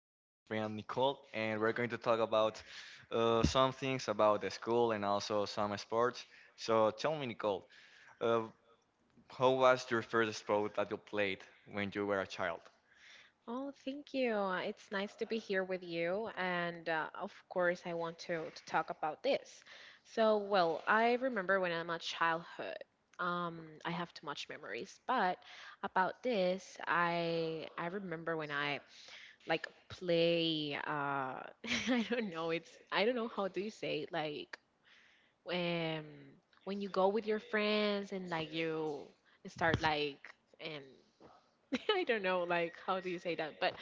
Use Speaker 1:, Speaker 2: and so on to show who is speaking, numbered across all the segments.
Speaker 1: with my friend Nicole, and we're going to talk about some things about the school and also some sports. So tell me, Nicole, uh, how was your first sport that you played when you were a child?
Speaker 2: Oh, thank you. It's nice to be here with you. And of course, I want to talk about this. So, well, I remember when I'm a childhood. I have too much memories, but about this, I remember when I like play. I don't know. It's I don't know how do you say it, like um when you go with your friends and like you start like and I don't know, like, how do you say that? But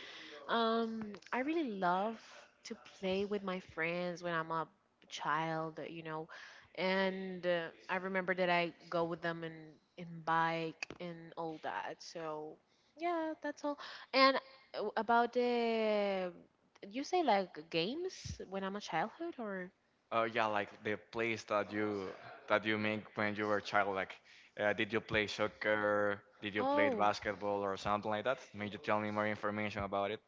Speaker 2: I really love to play with my friends when I'm a child, you know. And I remember that I go with them in bike and all that. So yeah, that's all. And about the you say like games when I'm a childhood or
Speaker 1: Yeah, like the plays that you make when you were a child. Like, did you play soccer? Did you play
Speaker 2: oh,
Speaker 1: basketball or something like that? May you tell me more information about it?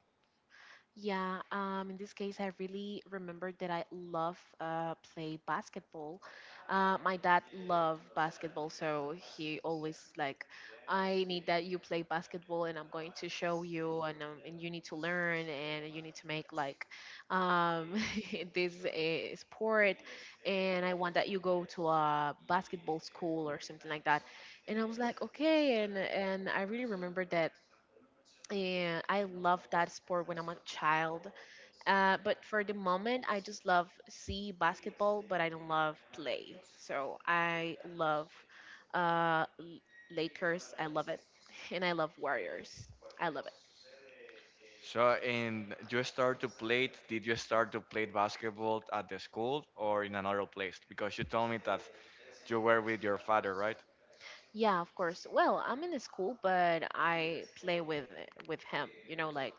Speaker 2: yeah, in this case, I really remember that I love play basketball. My dad loved basketball, so he always like, I need that you play basketball, and I'm going to show you, and and you need to learn, and you need to make like um, this sport, and I want that you go to a basketball school or something like that. And I was like, okay, and I really remember that, and I loved that sport when I'm a child, but for the moment, I just love see basketball, but I don't love play. So I love uh, L- Lakers. I love it, and I love Warriors. I love it.
Speaker 1: So, and you start to play, it- did you start to play basketball at the school or in another place? Because you told me that you were with your father, right?
Speaker 2: Yeah, of course. Well, I'm in the school, but I play with him. You know, like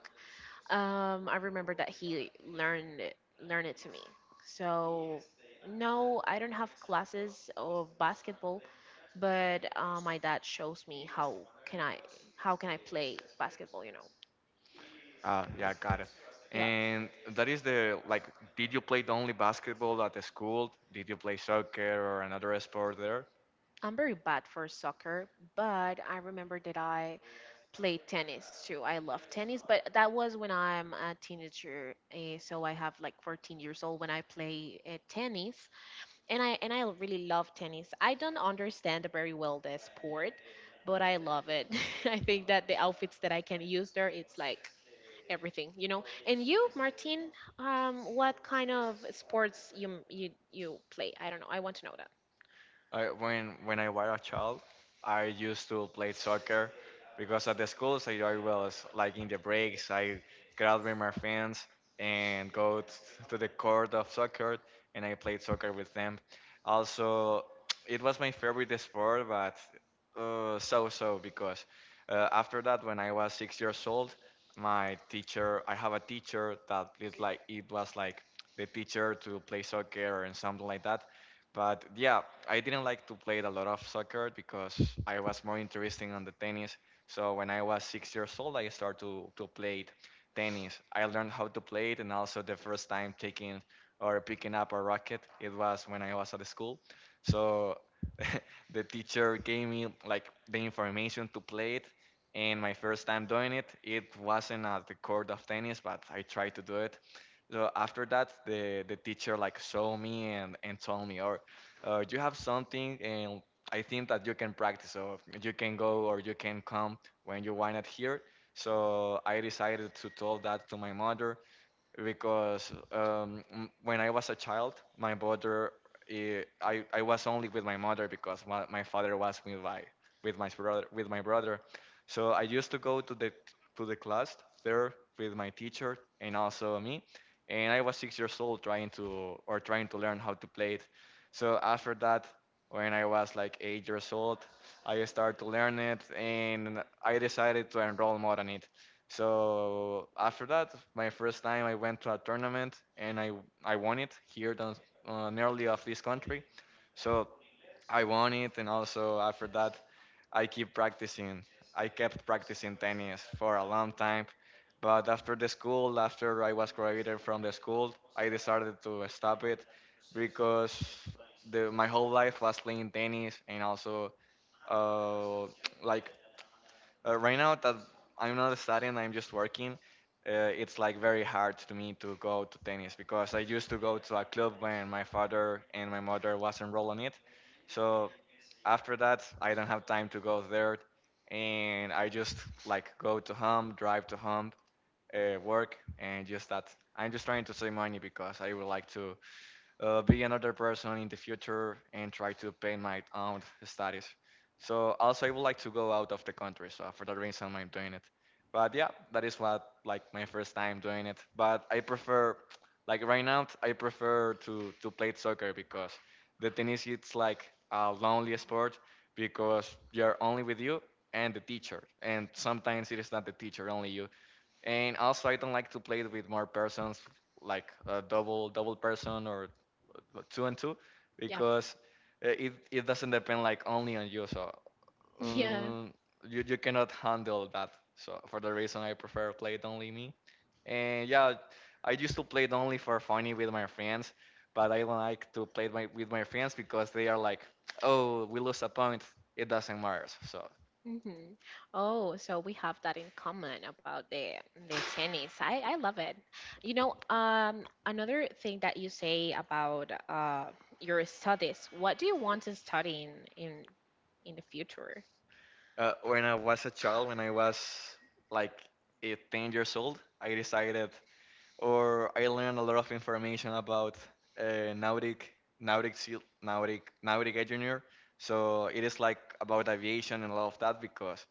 Speaker 2: I remember that he learned it to me. So no, I don't have classes of basketball, but my dad shows me how can I play basketball. You know,
Speaker 1: Yeah, got it.
Speaker 2: yeah.
Speaker 1: And that is like, did you play only basketball at the school? Did you play soccer or another sport there?
Speaker 2: I'm very bad for soccer, but I remember that I played tennis too. I love tennis, but that was when I'm a teenager. So I have like 14 years old when I play tennis. And I really love tennis. I don't understand very well the sport, but I love it. I think that the outfits that I can use there, it's like everything, you know. And you, Martin, what kind of sports you play? I don't know. I want to know that.
Speaker 1: I, when I was a child, I used to play soccer because at the schools I was like in the breaks I grab with my friends and go to the court of soccer and I played soccer with them. Also, it was my favorite sport, but so so because after that when I was 6 years old, my teacher I have a teacher that is like it was like the teacher to play soccer and something like that, but yeah, I didn't like to play a lot of soccer because I was more interested on the tennis. So when I was 6 years old, I started to play tennis. I learned how to play it, and also the first time taking or picking up a racket, it was when I was at the school. So the teacher gave me like the information to play it, and my first time doing it, it wasn't at the court of tennis, but I tried to do it. So after that, the teacher like saw me and told me, or you have something, and I think that you can practice, or you can go, or you can come when you want it here. So I decided to tell that to my mother because when I was a child, my mother, I was only with my mother because my father was with my brother. So I used to go to the class there with my teacher and also me, and I was 6 years old trying to learn how to play it. So after that, when I was like 8 years old, I started to learn it, and I decided to enroll more on it. So after that, my first time I went to a tournament and I won it here down, nearly of this country. So I won it, and also after that, I keep practicing. I kept practicing tennis for a long time, but after the school, after I was graduated from the school, I decided to stop it because my whole life was playing tennis, and also uh, like right now that I'm not studying, I'm just working. It's like very hard to me to go to tennis because I used to go to a club when my father and my mother was enrolled in it. So after that, I don't have time to go there, and I just like go to home, drive to home, work, and just that. I'm just trying to save money because I would like to be another person in the future and try to pay my own studies. So also I would like to go out of the country. So for that reason I'm doing it. But yeah, that is what like my first time doing it. But I prefer, like, right now I prefer to play soccer because the tennis, it's like a lonely sport because you're only with you and the teacher, and sometimes it is not the teacher, only you. And also I don't like to play it with more persons, like a double person, or two and two, because it doesn't depend like only on you. So
Speaker 2: Yeah.
Speaker 1: um, you cannot handle that. So for the reason I prefer play it only me, and yeah, I used to play it only for funny with my friends, but I don't like to play it with my friends because they are like, oh, we lose a point. It doesn't matter. So
Speaker 2: Hmm. Oh, so we have that in common about the tennis. I love it. You know, another thing that you say about your studies. What do you want to study in the future?
Speaker 1: Uh, when I was a child, when I was like 10 years old, I decided or I learned a lot of information about uh, Nautic, Nautic engineer. So it is like about aviation and a lot of that because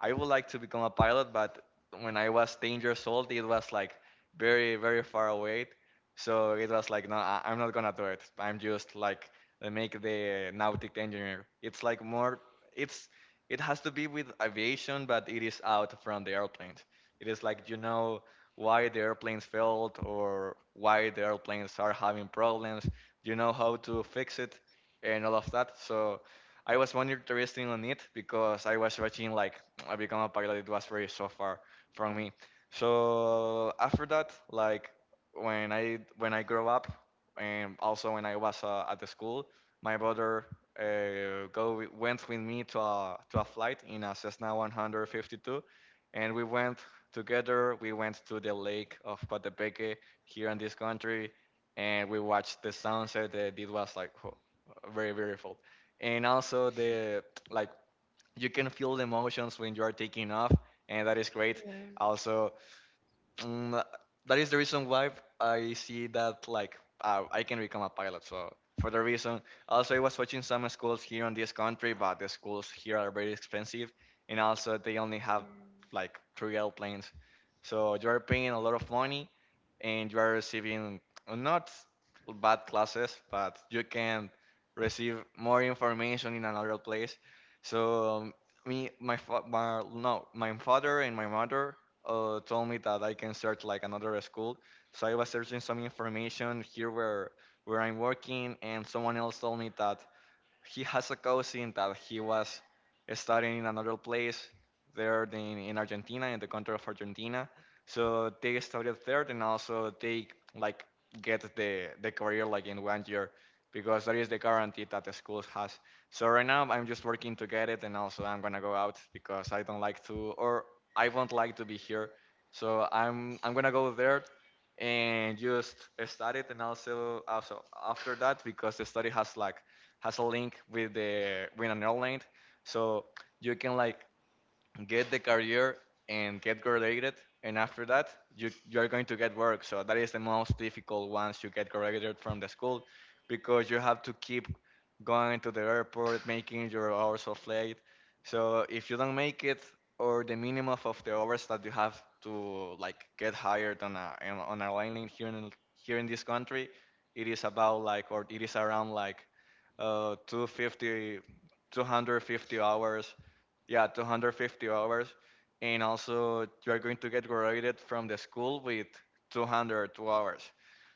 Speaker 1: I would like to become a pilot, but when I was 10 years old, it was like very, very far away. So it was like, no, I'm not gonna do it. I'm just like make the Nautic engineer. It's like more, it's it has to be with aviation, but it is out from the airplanes. It is like you know why the airplanes failed or why the airplanes are having problems. You know how to fix it and all of that. So I was more interested on it because I was watching like I become a pilot. It was very so far from
Speaker 2: Mm,
Speaker 1: me. So after that, like when I grow up, and also when I was at the school, my brother go went with me to a flight in a Cessna 152, and we went together. We went to the lake of Coatepeque here in this country, and we watched the sunset. It was like whoa, very beautiful, and also the, like, you can feel the emotions when you are taking off, and that is great. Also, Mm, that is the reason why I see that like I can become a pilot. So for the reason, also I was watching some schools here in this country, but the schools here are very expensive, and also they only have like three airplanes. So you are paying a lot of money, and you are receiving not bad classes, but you can receive more information in another place. So me, my, fa- my no, my father and my mother told me that I can search like another school. So I was searching some information here where I'm working, and someone else told me that he has a cousin that he was studying in another place there in Argentina, in the country of Argentina. So they studied there, and also they like get the career like in 1 year because that is the guarantee that the school has. So right now I'm just working to get it, and also I'm gonna go out because I don't like to, or I won't like to be here. So I'm gonna go there and just study it, and also after that, because the study has like has a link with an airline, so you can like get the career and get graduated, and after that you are going to get work. So that is the most difficult once you get graduated from the school because you have to keep going to the airport making your hours of flight. So if you don't make it, or the minimum of the hours that you have to like get hired on a on a landing here in this country, it is about like, or it is around like uh 250 250 hours, yeah, 250 hours, and also you're going to get graduated from the school with 202 hours.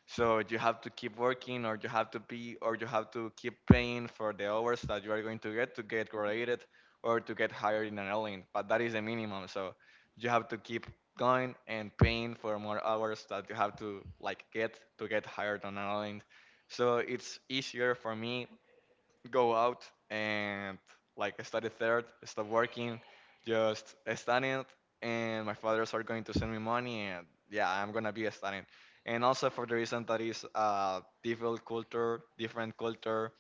Speaker 1: So you have to keep working, or you have to be, or you have to keep paying for the hours that you are going to get, to get graduated or to get hired in an airline. But that is the minimum. So you have to keep going and paying for more hours that you have to like get to get hired on an airline. So it's easier for me go out and like study third, stop working, just studying, and my fathers are going to send me money, and yeah, I'm gonna be studying. And also for the reason that is different culture,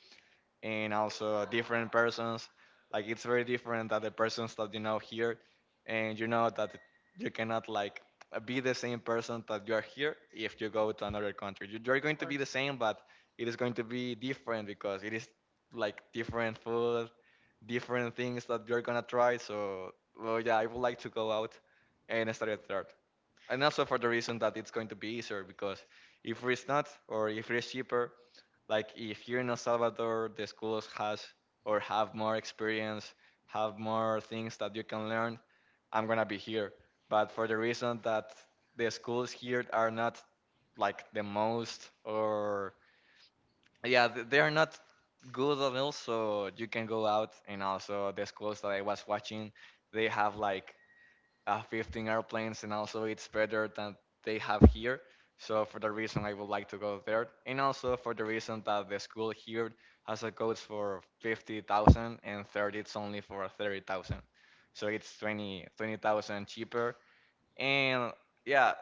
Speaker 1: and also different persons. Like it's very different that the persons that you know here, and you know that you cannot like be the
Speaker 2: Yes,
Speaker 1: same person that you are here if you go to another country. You're
Speaker 2: of
Speaker 1: going to be the
Speaker 2: course.
Speaker 1: same, but it is going to be different because it is like different food, different things that you're gonna try. So, well, yeah, I would like to go out and study at third. And also for the reason that it's going to be easier because if it's not, or if it's cheaper, like if here in El Salvador, the schools has or have more experience, have more things that you can learn, I'm gonna be here. But for the reason that the schools here are not like the most or yeah, they are not good and also you can go out and also the schools that I was watching, they have like 15 airplanes, and also it's better than they have here. So for the reason I would like to go there, and also for the reason that the school here has a codes for 50,000 and third it's only for 30,000. So it's 20 20,000 cheaper. And yeah,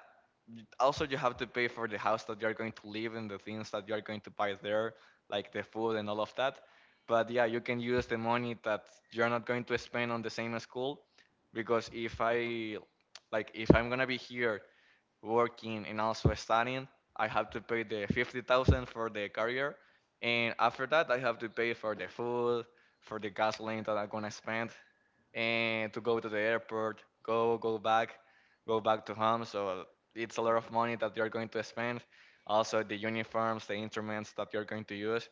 Speaker 1: also you have to pay for the house that you're going to live in, the things that you're going to buy there, like the food and all of that. But yeah, you can use the money that you're not going to spend on the same school because if I'm gonna be here working and also studying. I have to pay the 50,000 for the career, and after that I have to pay for the food, for the gasoline that I'm gonna spend, and to go to the airport, go back, go back to home. So it's a lot of money that you're going to spend. Also the uniforms, the instruments that you're going to use,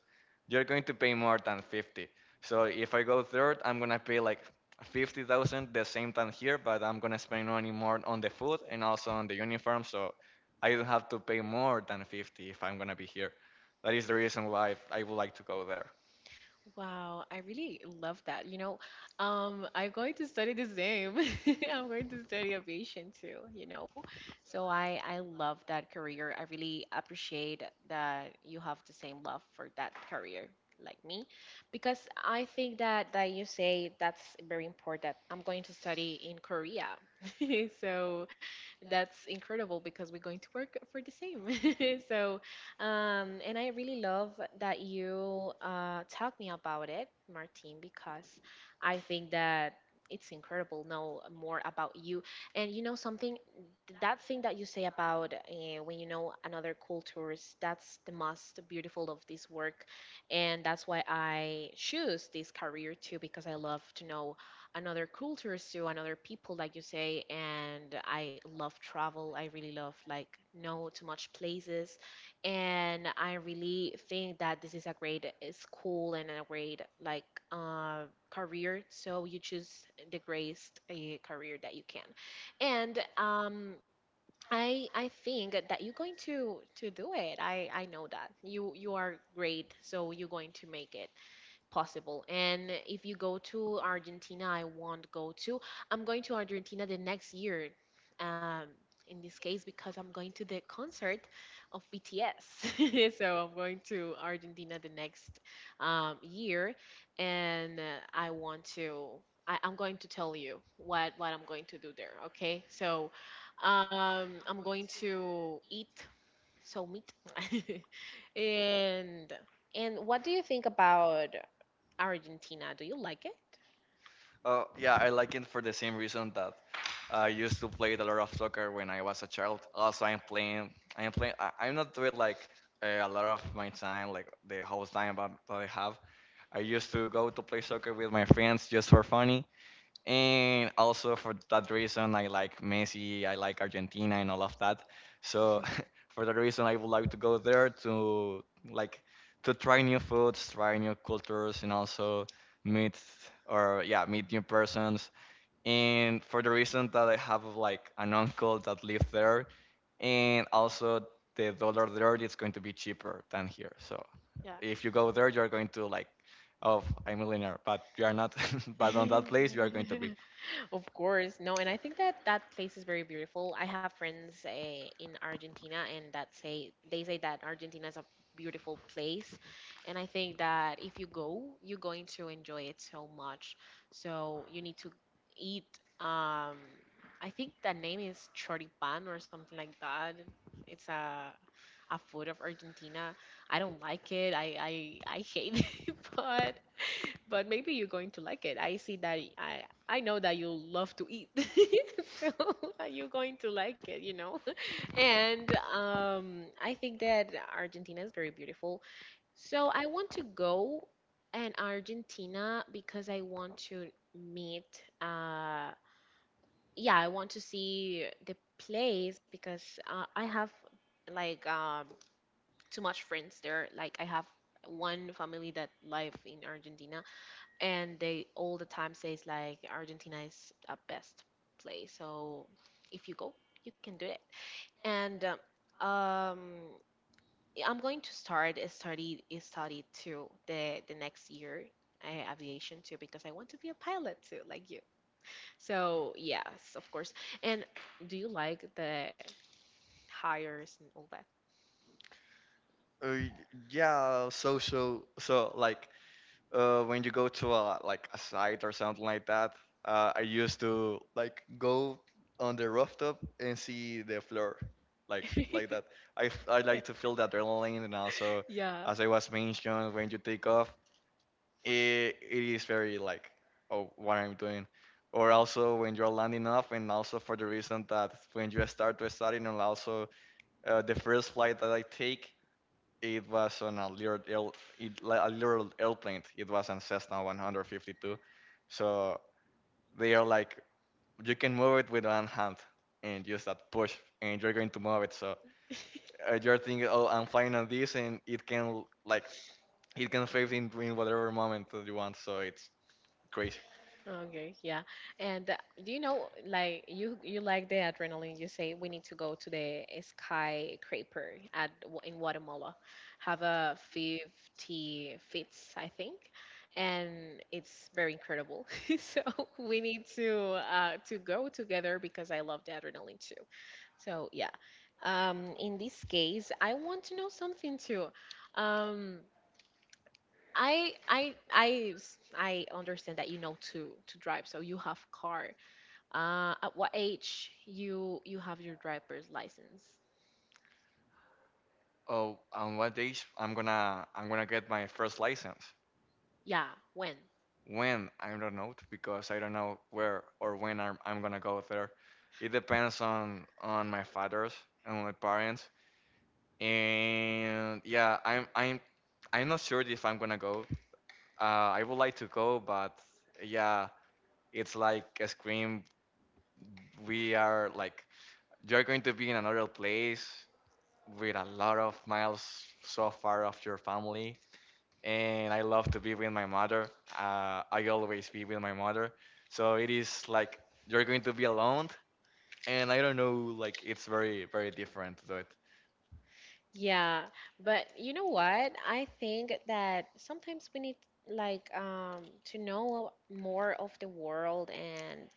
Speaker 1: you're going to pay more than 50. So if I go third, I'm gonna pay like 50,000 the same time here, but I'm gonna spend money more on the food and also on the uniform, so I don't have to pay more than 50 if I'm gonna be here. That is the reason why I would like to go there.
Speaker 2: Wow, I really love that. You know, I'm going to study the same. I'm going to study aviation too, you know. So I love that career. I really appreciate that you have the same love for that career like me because I think that that you say that's very important. I'm going to study in Korea. So that's incredible because we're going to work for the same. So, and I really love that you talked me about it, Martin, because I think that it's incredible know more about you. And you know something, that thing that you say about when you know another cultures, that's the most beautiful of this work. And that's why I choose this career too, because I love to know another cultures too, another people, like you say. And I love travel. I really love like know too much places, and I really think that this is a great school and a great like uh, career. So you choose the greatest career that you can, and I think that you're going to do it. I know that you are great, so you're going to make it possible. And if you go to Argentina, I won't go to. I'm going to Argentina the next year. Um, in this case, because I'm going to the concert of BTS, so I'm going to Argentina the next year, and I want to. I'm going to tell you what I'm going to do there. Okay, so I'm going to eat so meat, and and what do you think about? Argentina. Do you like it?
Speaker 1: Oh yeah, I like it for the same reason that I used to play a lot of soccer when I was a child. Also, I'm playing. I'm not doing like a lot of my time, like the whole time that I have. I used to go to play soccer with my friends just for fun. And also for that reason, I like Messi, I like Argentina and all of that. So for that reason, I would like to go there to like to try new foods, try new cultures, and also meet or yeah, meet new persons. And for the reason that I have like an uncle that lives there, and also the dollar there is going to be cheaper than here. So
Speaker 2: Yeah.
Speaker 1: if you go there, you're going to like, "Oh, I'm a millionaire," but you are not. But on that place, you are going to be.
Speaker 2: Of course, no, and I think that that place is very beautiful. I have friends in Argentina, and that say they say that Argentina is a beautiful place, and I think that if you go, you're going to enjoy it so much. So you need to eat. Um, I think the name is choripan or something like that. It's a food of Argentina. I don't like it. I hate it, but maybe you're going to like it. I see I know that you love to eat. So you're going to like it, you know. And I think that Argentina is very beautiful. So I want to go and Argentina because I want to meet yeah, I want to see the place because I have like too much friends there. Like I have one family that live in Argentina and they all the time says like Argentina is a best place. So if you go, you can do it. And um, I'm going to start a study too the next year, aviation too because I want to be a pilot too like you. So yes, of course. And do you like the hires and all that?
Speaker 1: Uh, yeah, social. So, like, when you go to a like a site or something like that, I used to like go on the rooftop and see the floor, like like that. I like to feel that adrenaline, and also
Speaker 2: Yeah.
Speaker 1: as I was mentioned, when you take off, it is very like, "Oh, what I'm doing." Or also when you're landing off, and also for the reason that when you start to studying, and also the first flight that I take it was on a little airplane. It was an Cessna 152. So they are like you can move it with one hand and just that push, and you're going to move it. So you're thinking, "Oh, I'm flying on this," and it can fit in whatever moment that you want. So it's crazy.
Speaker 2: Okay, yeah. And do you know, like you like the adrenaline? You say we need to go to the skyscraper at in Guatemala, have a 50 feats, I think, and it's very incredible. So we need to go together because I love the adrenaline too. So yeah. In this case, I want to know something too. Um, I understand that you know to drive, so you have car. At what age you have your driver's license?
Speaker 1: Oh, on what days I'm gonna get my first license?
Speaker 2: Yeah, when?
Speaker 1: When I don't know because I don't know where or when I'm gonna go there. It depends on my fathers and my parents. And yeah, I'm not sure if I'm gonna go. I would like to go, but yeah, it's like a scream. We are like you're going to be in another place with a lot of miles so far of your family, and I love to be with my mother. I always be with my mother, so it is like you're going to be alone, and I don't know, like it's very very different to it.
Speaker 2: Yeah, but you know what? I think that sometimes we need like to know more of the world. And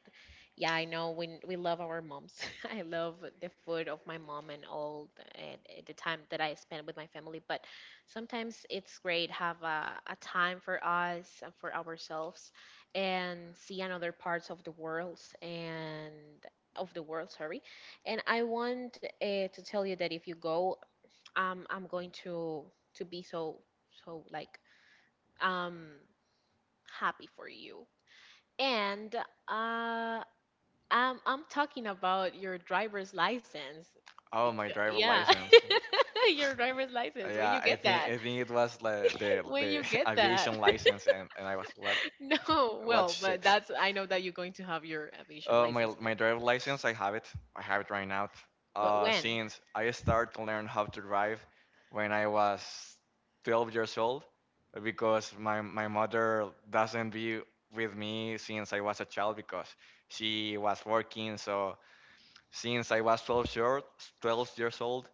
Speaker 2: yeah, I know. When we love our moms, I love the food of my mom and all the time that I spend with my family. But sometimes it's great have a time for us and for ourselves, and see another parts of the world and of the world. Sorry, and I want to tell you that if you go, I'm going to be so like um happy for you. And uh, I'm talking about your driver's license.
Speaker 1: Oh, my
Speaker 2: Because,
Speaker 1: driver
Speaker 2: yeah,
Speaker 1: license.
Speaker 2: your driver's license. When
Speaker 1: Yeah,
Speaker 2: you
Speaker 1: I
Speaker 2: get
Speaker 1: think
Speaker 2: that,
Speaker 1: I think it was like the
Speaker 2: when
Speaker 1: the
Speaker 2: you get that.
Speaker 1: aviation license, and I was
Speaker 2: No,
Speaker 1: what
Speaker 2: well, but
Speaker 1: shit.
Speaker 2: that's, I know that you're going to have your aviation
Speaker 1: My
Speaker 2: license too.
Speaker 1: my driver license, I have it. Right now.
Speaker 2: But when?
Speaker 1: Since I started to learn how to drive when I was 12 years old, because my mother doesn't be with me since I was a child because she was working. So since I was 12 years old,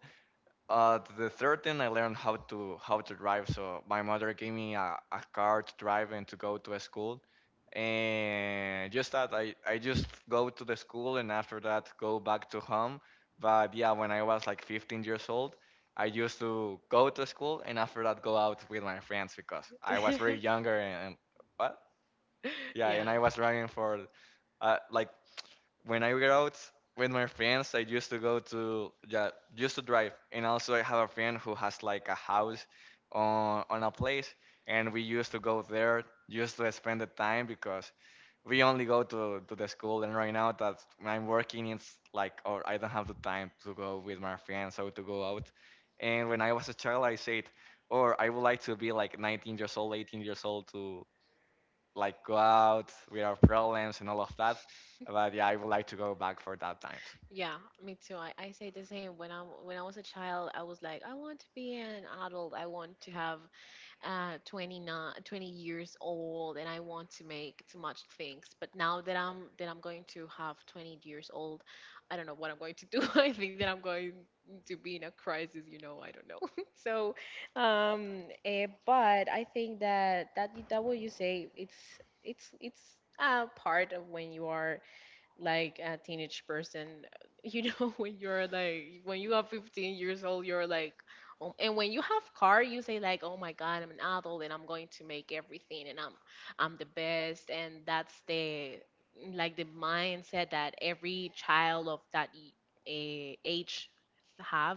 Speaker 1: the third thing I learned how to drive. So my mother gave me a car to drive and to go to a school, and just that I just go to the school and after that go back to home. But yeah, when I was like 15 years old, I used to go to school and after that go out with my friends because I was very younger and what? Yeah,
Speaker 2: Yeah.
Speaker 1: and I was running for like when I get out with my friends, I used to go to yeah, used to drive, and also I have a friend who has like a house on a place, and we used to go there just to spend the time because we only go to the school, and right now that I'm working, it's like or I don't have the time to go with my friends or to go out. And when I was a child, I said, or I would like to be like 19 years old, 18 years old to like go out with our problems and all of that. But yeah, I would like to go back for that times.
Speaker 2: Yeah, me too. I say the same. When I was a child, I was like, I want to be an adult. I want to have 29 20 years old, and I want to make too much things, but now that I'm going to have 20 years old, I don't know what I'm going to do. I think that I'm going to be in a crisis, I don't know. So, but I think that what you say it's a part of when you are like a teenage person, you know. When you are 15 years old, you're like and when you have car, you say like, oh my god, I'm an adult, and I'm going to make everything, and I'm the best, and that's the like the mindset that every child of that age have,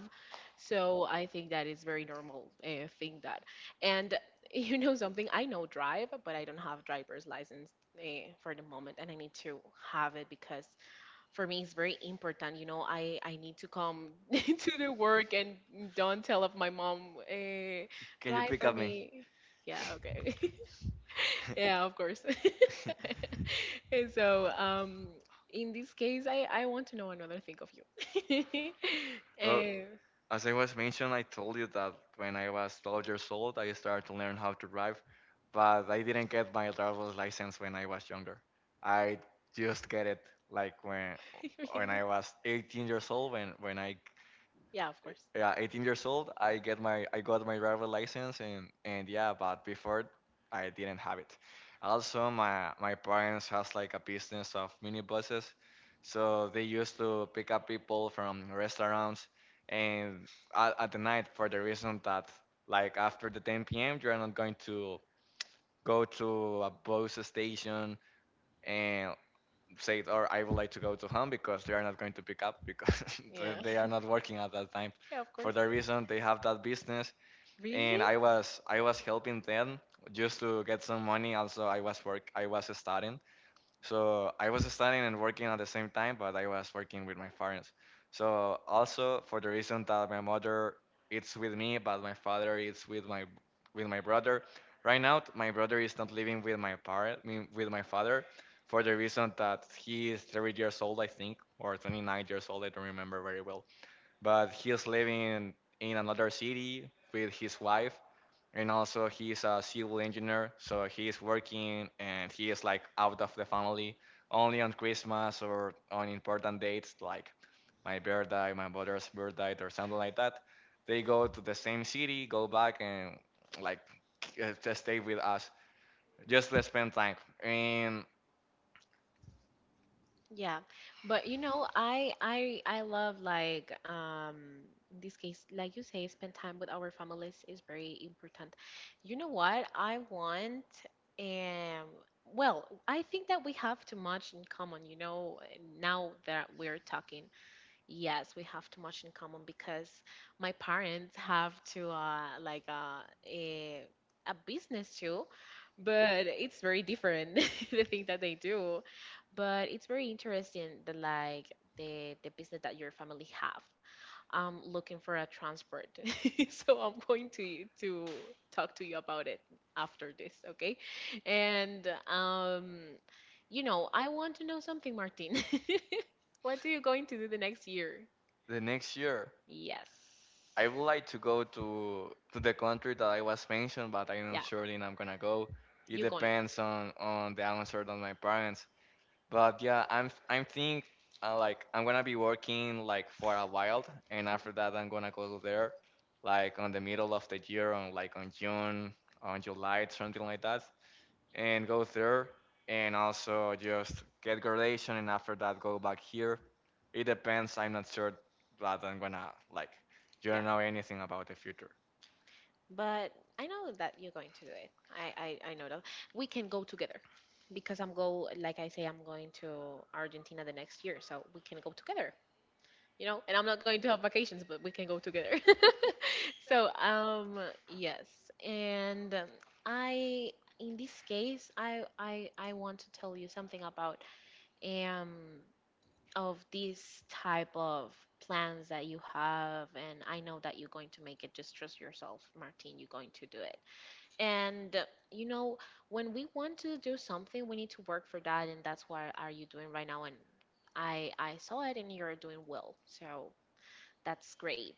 Speaker 2: so I think that is very normal thing that. And you know something? I know drive, but I don't have driver's license, for the moment, and I need to have it because for me it's very important. You know, I need to come to the work and don't tell of my mom.
Speaker 1: Can you
Speaker 2: Drive
Speaker 1: pick
Speaker 2: for
Speaker 1: up me?
Speaker 2: me. Yeah. Okay. Yeah. Of course. And so, in this case, I want to know another thing of you.
Speaker 1: Well,
Speaker 2: Eh,
Speaker 1: as I was mentioned, I told you that when I was 12 years old, I started to learn how to drive, but I didn't get my driver's license when I was younger. I just get it like when I
Speaker 2: Really?
Speaker 1: was 18 years old
Speaker 2: Yeah. Of course.
Speaker 1: 18 years old, I got my driver license and yeah, but before I didn't have it. Also, my parents has like a business of minibuses, so they used to pick up people from restaurants and at the night for the reason that like after the 10 p.m. you're not going to go to a bus station and said, or I would like to go to home because they are not going to pick up because they
Speaker 2: Yeah.
Speaker 1: they are not working at that time.
Speaker 2: Yeah. Of
Speaker 1: For
Speaker 2: course.
Speaker 1: that reason, they have that business, and
Speaker 2: Really?
Speaker 1: I was helping them just to get some money. Also, I was studying, so I was studying and working at the same time, but I was working with my parents. So also for the reason that my mother is with me, but my father is with my brother. Right now, my brother is not living with my parent, mean, with my father, for the reason that he is 30 years old, I think, or 29 years old. I don't remember very well, but he's living in another city with his wife, and also he's a civil engineer, so he's working, and he is like out of the family only on Christmas or on important dates like my birthday, my brother's birthday, or something like that. They go to the same city, go back, and like just stay with us just to spend time. And
Speaker 2: Yeah, but you know, I love like in this case, like you say, spend time with our families is very important. You know what? I want um well, I think that we have too much in common, you know, now that we're talking. Yes, we have too much in common because my parents have to like a a business too, but it's very different the thing that they do. But it's very interesting the like the business that your family have. I'm looking for a transport, so I'm going to talk to you about it after this, okay? And I want to know something, Martin. What are you going to do the next year?
Speaker 1: the next year
Speaker 2: Yes.
Speaker 1: I would like to go to the country that I was mentioned, but I'm not
Speaker 2: Yeah.
Speaker 1: sure if I'm gonna go. It
Speaker 2: You're going.
Speaker 1: depends on the answer of my parents. But yeah, I'm think like I'm gonna be working like for a while, and after that I'm gonna go there, like on the middle of the year, on like on June, on July, something like that, and go there and also just get graduation and after that go back here. It depends. I'm not sure that I'm gonna like. You
Speaker 2: Yeah.
Speaker 1: don't know anything about the future
Speaker 2: But I know that you're going to do it. I know that. We can go together because I'm go like I say I'm going to Argentina the next year, so we can go together. And I'm not going to have vacations, but we can go together. So, yes, and I, in this case, I want to tell you something about um of these type of plans that you have, and I know that you're going to make it. Just trust yourself, Martin. You're going to do it, and you know, when we want to do something, we need to work for that, and that's what are you doing right now, and. I saw it and you're doing well. So that's great.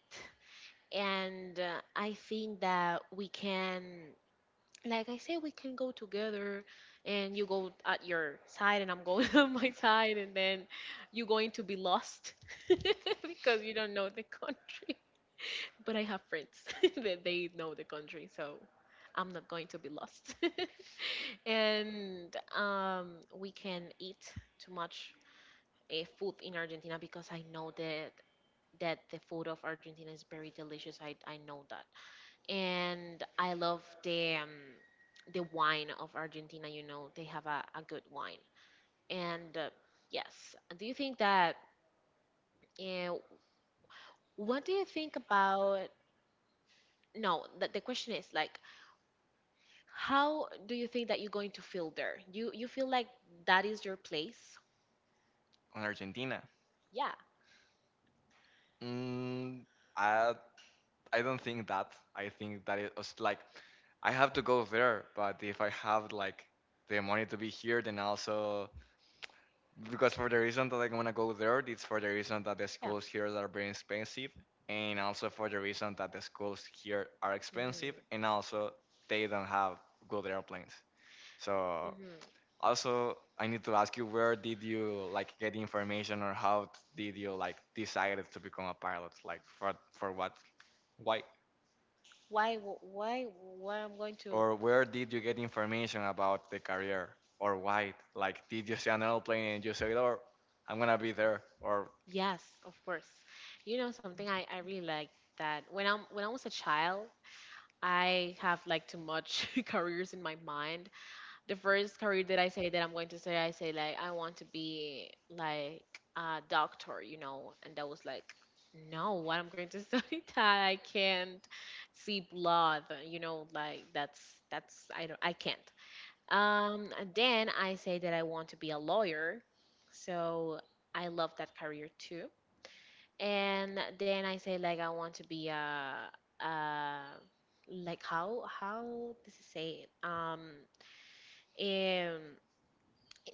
Speaker 2: And I think that we can, like I said, we can go together and you go at your side and I'm going on my side and then you're going to be lost because you don't know the country. But I have friends that they know the country, so I'm not going to be lost. And we can eat too much food in Argentina because I know that the food of Argentina is very delicious. I know that. And I love the wine of Argentina, they have a good wine. And yes, do you think that uh, what do you think about no, the question is like how do you think that you're going to feel there? You feel like that is your place?
Speaker 1: on Argentina.
Speaker 2: Yeah.
Speaker 1: Mm, I I don't think that. I think that it was like I have to go there, but if I have like the money to be here, then also because for the reason that I'm gonna go there, it's for the reason that the
Speaker 2: Yeah.
Speaker 1: schools here are very expensive, and also for the reason that the schools here are expensive, and
Speaker 2: Hmm.
Speaker 1: also they don't have good airplanes. So
Speaker 2: Hmm.
Speaker 1: also I need to ask you, where did you like get information, or how did you like decided to become a pilot? Like for what, why,
Speaker 2: Why w- why why I'm going to.
Speaker 1: or where did you get information about the career, or why? Like did you see an airplane and you say, "Oh, I'm gonna be there," or
Speaker 2: Yes, of course. You know something, I really like that when I was a child, I have like too much careers in my mind. The first career that I say that I'm going to say, I say like I want to be like a doctor, and that was like no, what I'm going to study that I can't see blood, like that's I can't. And then I say that I want to be a lawyer, so I love that career too. And then I say like I want to be a like how does it say it? Um,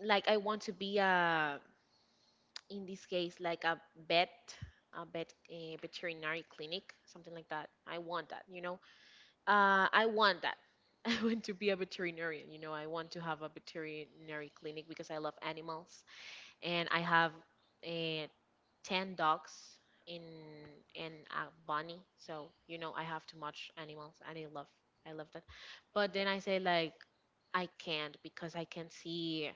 Speaker 2: like I want to be a in this case like vet, a veterinary clinic, something like that. I want that. I want that. I want to be a veterinarian. You know, I want to have a veterinary clinic because I love animals, and I have uh, 10 dogs in and a bunny. So you know, I have too much animals, and I love that. But then I say like. I can't because I can see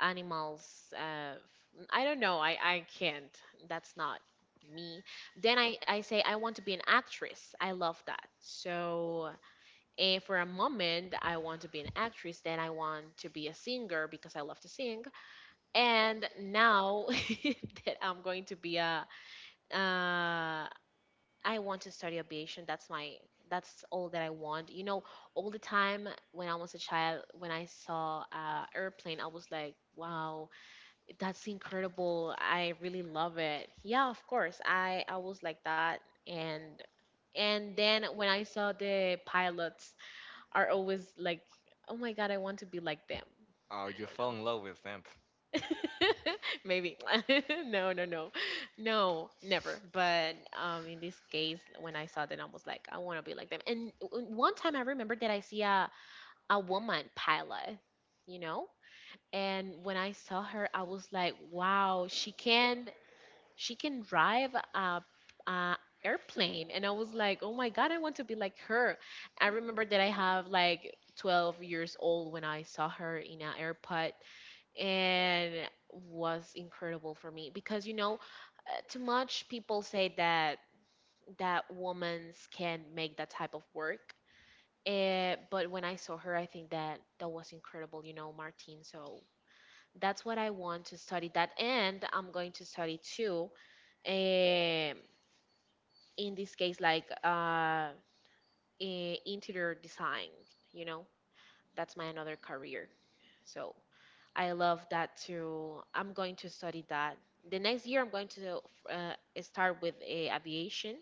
Speaker 2: animals. I don't know. I can't. That's not me. Then I say I want to be an actress. I love that. So if for a moment I want to be an actress, then I want to be a singer because I love to sing. And now that I'm going to be I want to study aviation. That's all that I want. You know, all the time when I was a child, when I saw a airplane, I was like, wow, that's incredible. I really love it. Yeah, of course. I was like that. And then when I saw the pilots are always like, oh my God, I want to be like them.
Speaker 1: oh, you
Speaker 2: I
Speaker 1: fell in love with them.
Speaker 2: don't know. Maybe. No, no, no. No, never. But in this case, when I saw that, I was like, I want to be like them. And one time I remember that I see a woman pilot, you know? And when I saw her, I was like, wow, she can drive a airplane, and I was like, oh my God, I want to be like her. I remember that I have like 12 years old when I saw her in an airpod, and was incredible for me because you know too much people say that women can make that type of work. But when I saw her, I think that was incredible, you know, Martine. So that's what I want to study that, and I'm going to study too. Um in this case like interior design, you know that's my another career. So I love that too. I'm going to study that the next year. I'm going to uh, start with aviation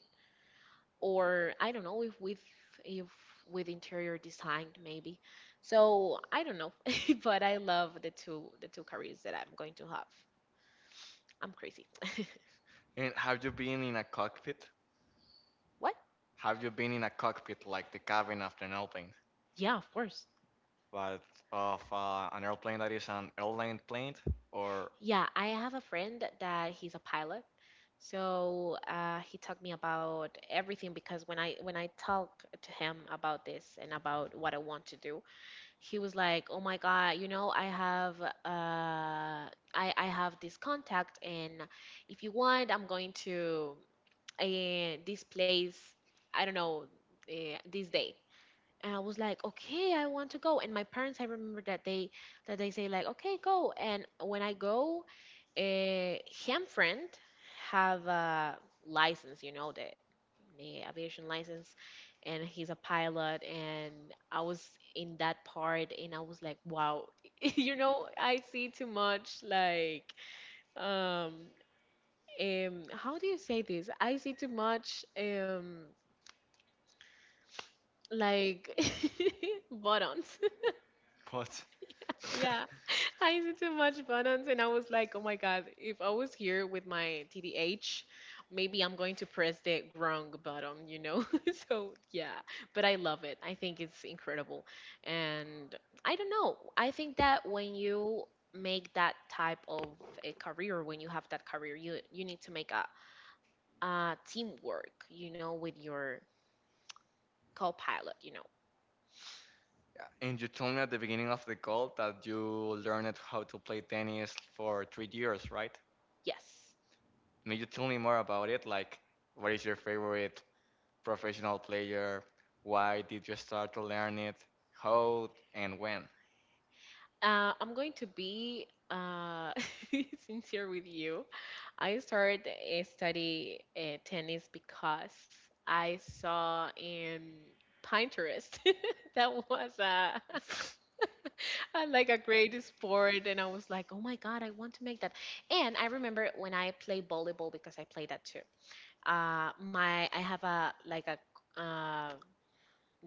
Speaker 2: or I don't know if with if interior design maybe. So I don't know. But I love the two careers that I'm going to have. I'm crazy.
Speaker 1: And have you been in a cockpit?
Speaker 2: What?
Speaker 1: Have you been in a cockpit like the cabin of an airplane?
Speaker 2: Yeah, of course.
Speaker 1: But of an airplane that is an airline plane or
Speaker 2: Yeah, I have a friend that he's a pilot. So he talked me about everything, because when I talk to him about this and about what I want to do, he was like, "Oh my God, you know, I have I have this contact, and if you want, I'm going to this place. I don't know this day." And I was like, okay, I want to go. And my parents, I remember that they say like, okay, go. And when I go, a him friend have a license, you know, the aviation license, and he's a pilot. And I was in that part, and I was like, wow, you know, I see too much like um how do you say this? I see too much like buttons.
Speaker 1: what?
Speaker 2: Yeah, I used to watch buttons and I was like, oh my God, if I was here with my TDH, maybe I'm going to press the wrong button, you know? So, yeah, but I love it. I think it's incredible. And I don't know. I think that when you make that type of a career, when you have that career, you need to make a teamwork, you know, with your co pilot, you know?
Speaker 1: And you told me at the beginning of the call that you learned how to play tennis for 3 years, right?
Speaker 2: Yes.
Speaker 1: May you tell me more about it? Like, what is your favorite professional player? Why did you start to learn it? How and when?
Speaker 2: I'm going to be sincere with you. I started a study tennis because I saw in Pinterest that was a, like a great sport, and I was like, oh my God, I want to make that. And I remember when I played volleyball because I played that too. My I have a like a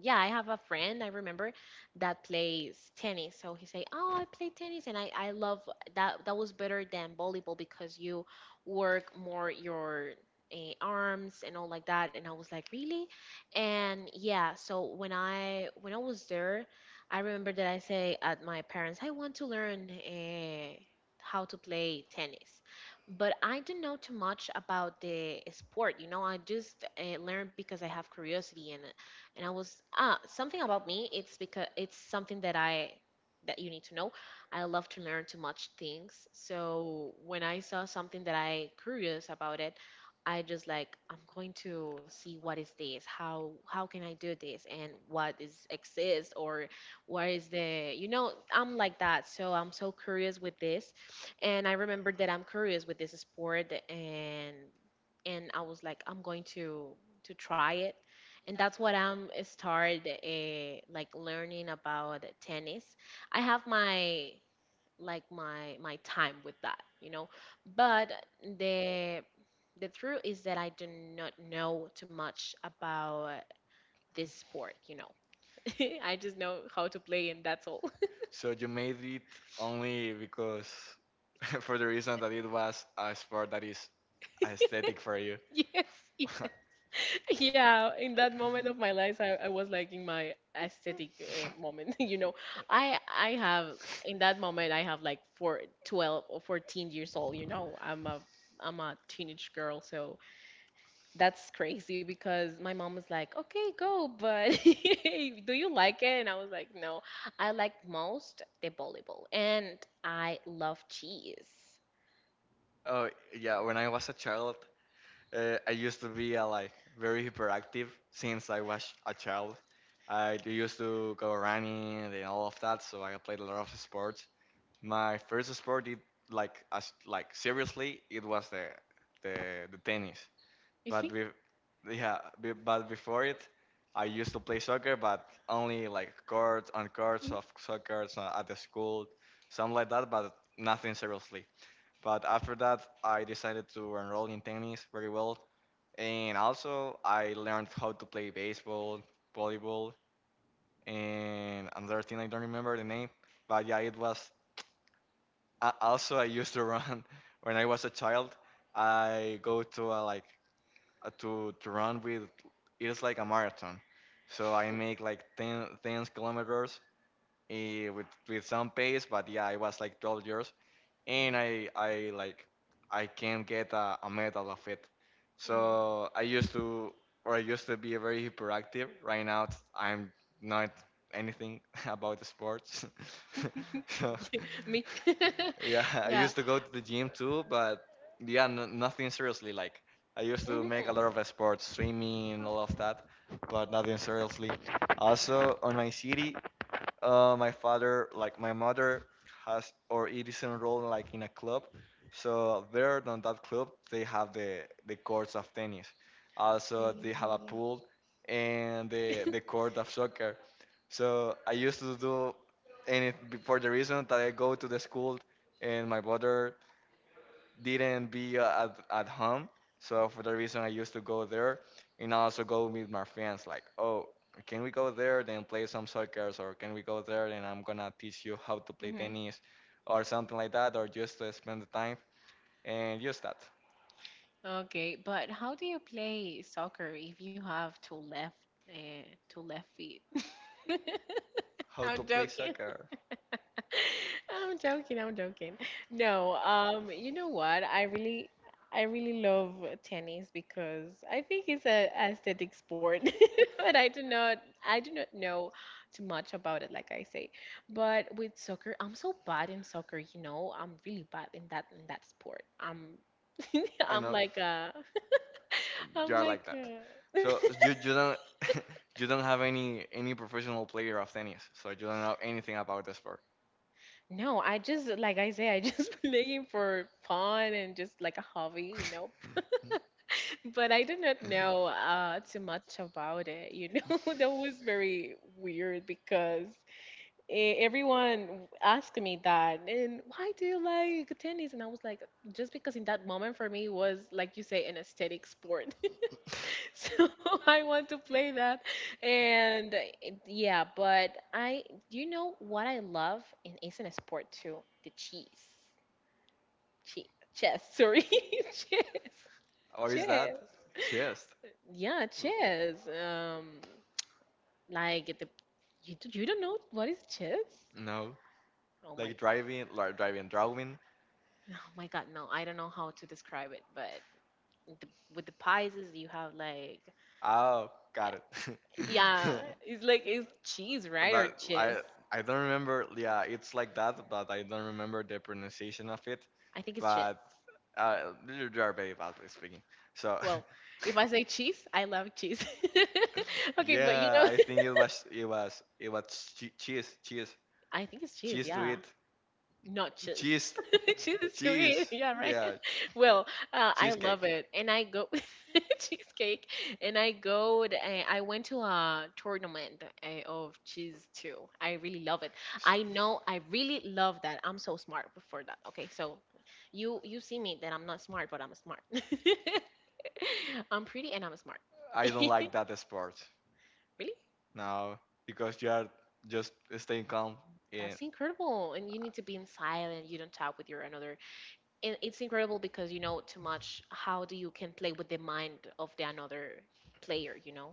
Speaker 2: yeah, I have a friend I remember that plays tennis. So he say, "Oh, I play tennis, and I love that. That was better than volleyball because you work more your arms and all like that." And I was like, "Really?" And yeah, so when I was there, I remember that I say at my parents, "I want to learn." How to play tennis, but I don't know too much about the sport, I just learned because I have curiosity and I was something about me. It's because it's something that you need to know. I love to learn too much things. So when I saw something that I curious about it, I just like I'm going to see what is this, how can I do this, and what is exist or where is the you know I'm like that. So I'm so curious with this, and I remember that I'm curious with this sport and I was like I'm going to try it, and that's what I'm start like learning about tennis. I have my like my time with that, you know, but the the truth is that I do not know too much about this sport. I just know how to play and that's all.
Speaker 1: So you made it only because for the reason that it was a sport that is aesthetic for you.
Speaker 2: Yes, yes. Yeah, in that moment of my life, I was like in my aesthetic moment. You know, I have in that moment I have like 4 12 or 14 years old. You know, I'm a teenage girl, so that's crazy because my mom was like, "Okay, go, but do you like it?" And I was like, "No, I like most the volleyball, and I love cheese."
Speaker 1: Oh yeah, when I was a child, I used to be like very hyperactive since I was a child. I used to go running and all of that, so I played a lot of sports. My first sport, it, like as like seriously, it was the tennis. But we, yeah, but before it, I used to play soccer, but only like courts on courts of soccer so at the school, something like that, but nothing seriously. But after that, I decided to enroll in tennis very well, and also I learned how to play baseball, volleyball, and another thing I don't remember the name. But yeah, it was. Also, I used to run when I was a child. I go to a like to run with it's like a marathon. So I make like 10 10 kilometers with some pace, but yeah, it was like 12 years and
Speaker 2: Mhm.
Speaker 1: I like I can get a medal of it. So I used to or I used to be very hyperactive. Right now I'm not anything about the sports.
Speaker 2: Mhm.
Speaker 1: So
Speaker 2: Me?
Speaker 1: yeah, I
Speaker 2: Yeah.
Speaker 1: used to go to the gym too, but yeah, nothing seriously. Like I used to make a
Speaker 2: Mm-hmm.
Speaker 1: lot of sports, swimming and all of that, but nothing seriously. Also on my city, my father, like my mother, has or it is enrolled like in a club. So there, on that club, they have the courts of tennis. Also, they have a pool and the court of soccer. So I used to do and it for the reason that I go to the school and my brother didn't be at home. So for that reason, I used to go there and also go with my friends. Like, oh, can we go there then play some soccer, or can we go there and I'm gonna teach you how to play
Speaker 2: Mm-hmm.
Speaker 1: tennis, or something like that, or just to spend the time and just that,
Speaker 2: Okay, but how do you play soccer if you have uh, two left feet?
Speaker 1: how to
Speaker 2: I'm
Speaker 1: play
Speaker 2: joking.
Speaker 1: soccer.
Speaker 2: I'm joking, I'm joking. No, you know what? I really love tennis because I think it's a aesthetic sport, but I do not know too much about it, like I say. But with soccer, I'm so bad in soccer, you know. I'm really bad in that sport. I'm
Speaker 1: I
Speaker 2: I'm
Speaker 1: know
Speaker 2: like
Speaker 1: you
Speaker 2: I'm
Speaker 1: are
Speaker 2: like
Speaker 1: like that. So you don't you don't have any professional player of tennis. So you don't know anything about the sport.
Speaker 2: no, I just like I say, I just playing for fun and just like a hobby, you know. But I did not know too much about it. You know, that was very weird because everyone asked me that, and why do you like tennis? And I was like, just because in that moment for me was like you say, an aesthetic sport.
Speaker 1: Uh,
Speaker 2: So I want to play that, and yeah. But I, do you know what I love? And it's in a sport too, the cheese, che- chess. Sorry, chess,
Speaker 1: or is that
Speaker 2: chess.
Speaker 1: chest?
Speaker 2: Yeah,
Speaker 1: L-
Speaker 2: chess. Like the you don't know what is chess?
Speaker 1: No.
Speaker 2: Oh my god.
Speaker 1: Like driving, drawing.
Speaker 2: Oh my god, no, I don't know how to describe it, but the, with the Pisces you have like
Speaker 1: Oh,
Speaker 2: yeah,
Speaker 1: got it.
Speaker 2: yeah,
Speaker 1: Yeah,
Speaker 2: it's like it's cheese, right? Or
Speaker 1: but
Speaker 2: cheese.
Speaker 1: I don't remember. Yeah, it's like that, but I don't remember the pronunciation of it.
Speaker 2: I think it's cheese.
Speaker 1: But little jar babe, obviously speaking. So,
Speaker 2: Well, if I say cheese, I love cheese. Okay, but you
Speaker 1: yeah,
Speaker 2: know,
Speaker 1: I think it was it was it was cheese, cheese,
Speaker 2: I think it's cheese,
Speaker 1: cheese to
Speaker 2: yeah.
Speaker 1: eat,
Speaker 2: Notches.
Speaker 1: cheese,
Speaker 2: Cheese to eat.
Speaker 1: cheese,
Speaker 2: Yeah, right.
Speaker 1: yeah,
Speaker 2: Well, I love
Speaker 1: cheesecake.
Speaker 2: it, and I go cheesecake, and I go. I went to a tournament of cheese too. I really love it.
Speaker 1: S-
Speaker 2: I know. I really love that. I'm so smart for that. Okay, so you see me that I'm not smart, but I'm smart. I'm pretty and I'm smart.
Speaker 1: I don't like that sport
Speaker 2: Really.
Speaker 1: now because you are just staying calm. Yeah,
Speaker 2: That's incredible. And you need to be in silent. You don't talk with your another it's incredible because you know too much how do you can play with the mind of the another player, you know?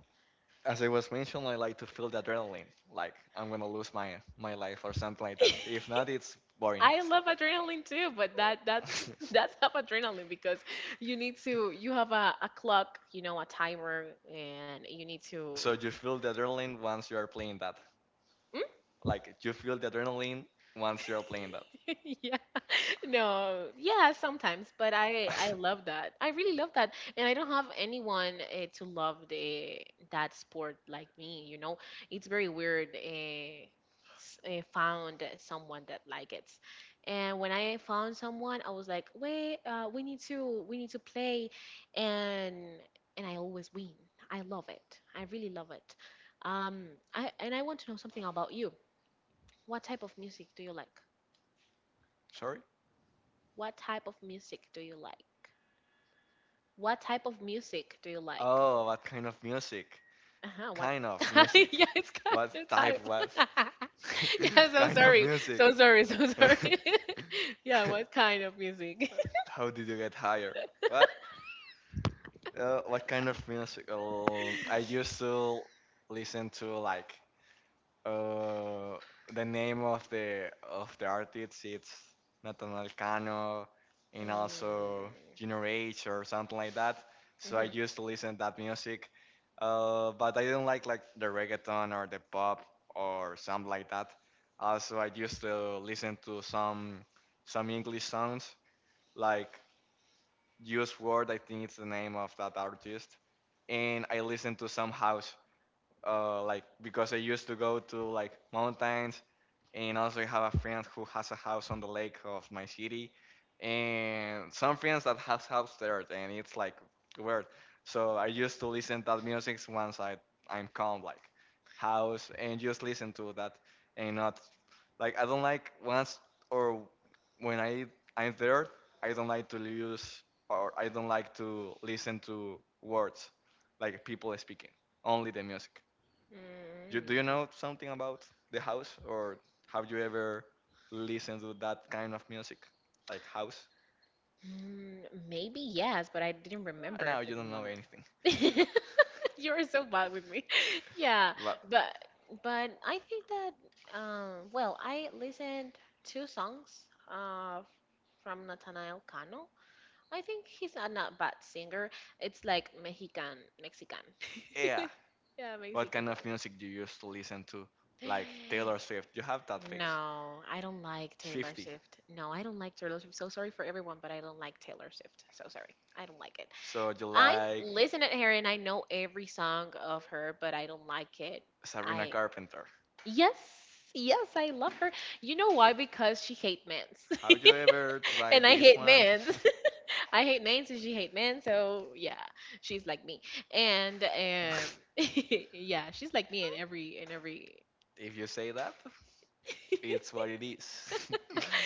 Speaker 1: as it was mentioned, I like to feel the adrenaline, like I'm gonna lose my life or something like that. If not, it's boring.
Speaker 2: I love adrenaline too, but that that that's half adrenaline because you need to you have a clock, you know, a timer, and you need to.
Speaker 1: So you feel the adrenaline once you are playing that. Like you feel the adrenaline once you are playing that.
Speaker 2: Yeah. No, yeah, sometimes, but I love that, I really love that, and I don't have anyone to love the that sport like me, you know? It's very weird, found someone that like it, and when I found someone I was like wait, we need to play, and and I always win. I love it. I really love it. um I, and I want to know something about you. What type of music do you like?
Speaker 1: Sorry.
Speaker 2: What type of music do you like? What type of music do you like?
Speaker 1: Oh, what kind of music?
Speaker 2: Uh-huh, what?
Speaker 1: Kind of music.
Speaker 2: Yeah, it's kind
Speaker 1: What
Speaker 2: of
Speaker 1: type? What
Speaker 2: type. Yeah, so
Speaker 1: kind of
Speaker 2: sorry.
Speaker 1: music?
Speaker 2: So sorry. So sorry. Yeah, what kind of music?
Speaker 1: How did you get higher? What? What kind of music? I used to listen to like uh the name of the artist. It's Nathaniel Cano
Speaker 2: Mm.
Speaker 1: and also Junior H or something like that. So I
Speaker 2: Mhm.
Speaker 1: used to listen that music. But I didn't like the reggaeton or the pop or something like that. Also, I used to listen to some English songs like Use Word, I think it's the name of that artist. And I listened to some house, like because I used to go to like mountains, and also I have a friend who has a house on the lake of my city, and some friends that has house there, and it's like weird. So I used to listen that music once I'm calm, like house, and just listen to that, and not like I don't like once or when I'm there, I don't like to use or I don't like to listen to words like people speaking, only the music. You, do you
Speaker 2: Mm.
Speaker 1: know something about the house, or have you ever listened to that kind of music, like house?
Speaker 2: Mm, maybe yes, but I didn't
Speaker 1: Right now,
Speaker 2: remember for
Speaker 1: you
Speaker 2: the
Speaker 1: don't know
Speaker 2: moment.
Speaker 1: anything.
Speaker 2: You are so bad with me. Yeah,
Speaker 1: But
Speaker 2: but but I think that well, I listened two songs from Nathaniel Cano. I think he's a not bad singer. It's like Mexican, Mexican.
Speaker 1: yeah,
Speaker 2: Yeah,
Speaker 1: what
Speaker 2: Mexican
Speaker 1: kind of music you used to listen to,
Speaker 2: song.
Speaker 1: like Taylor Swift? You have that face,
Speaker 2: No, I don't like Taylor
Speaker 1: Swifty.
Speaker 2: Swift. No, I don't like Taylor Swift. So sorry for everyone, but I don't like Taylor Swift. So sorry. I don't like it.
Speaker 1: So you
Speaker 2: I
Speaker 1: like
Speaker 2: listen at her and I know every song of her, but I don't like it.
Speaker 1: Sabrina
Speaker 2: I
Speaker 1: Carpenter.
Speaker 2: yes, yes, I love her. You know why? Because she hate men's,
Speaker 1: Have you ever
Speaker 2: and
Speaker 1: tried
Speaker 2: I
Speaker 1: this
Speaker 2: hate
Speaker 1: one?
Speaker 2: men's. I hate men, and she hate men. So yeah, she's like me. And yeah, she's like me in every.
Speaker 1: If you say that. It's what it is.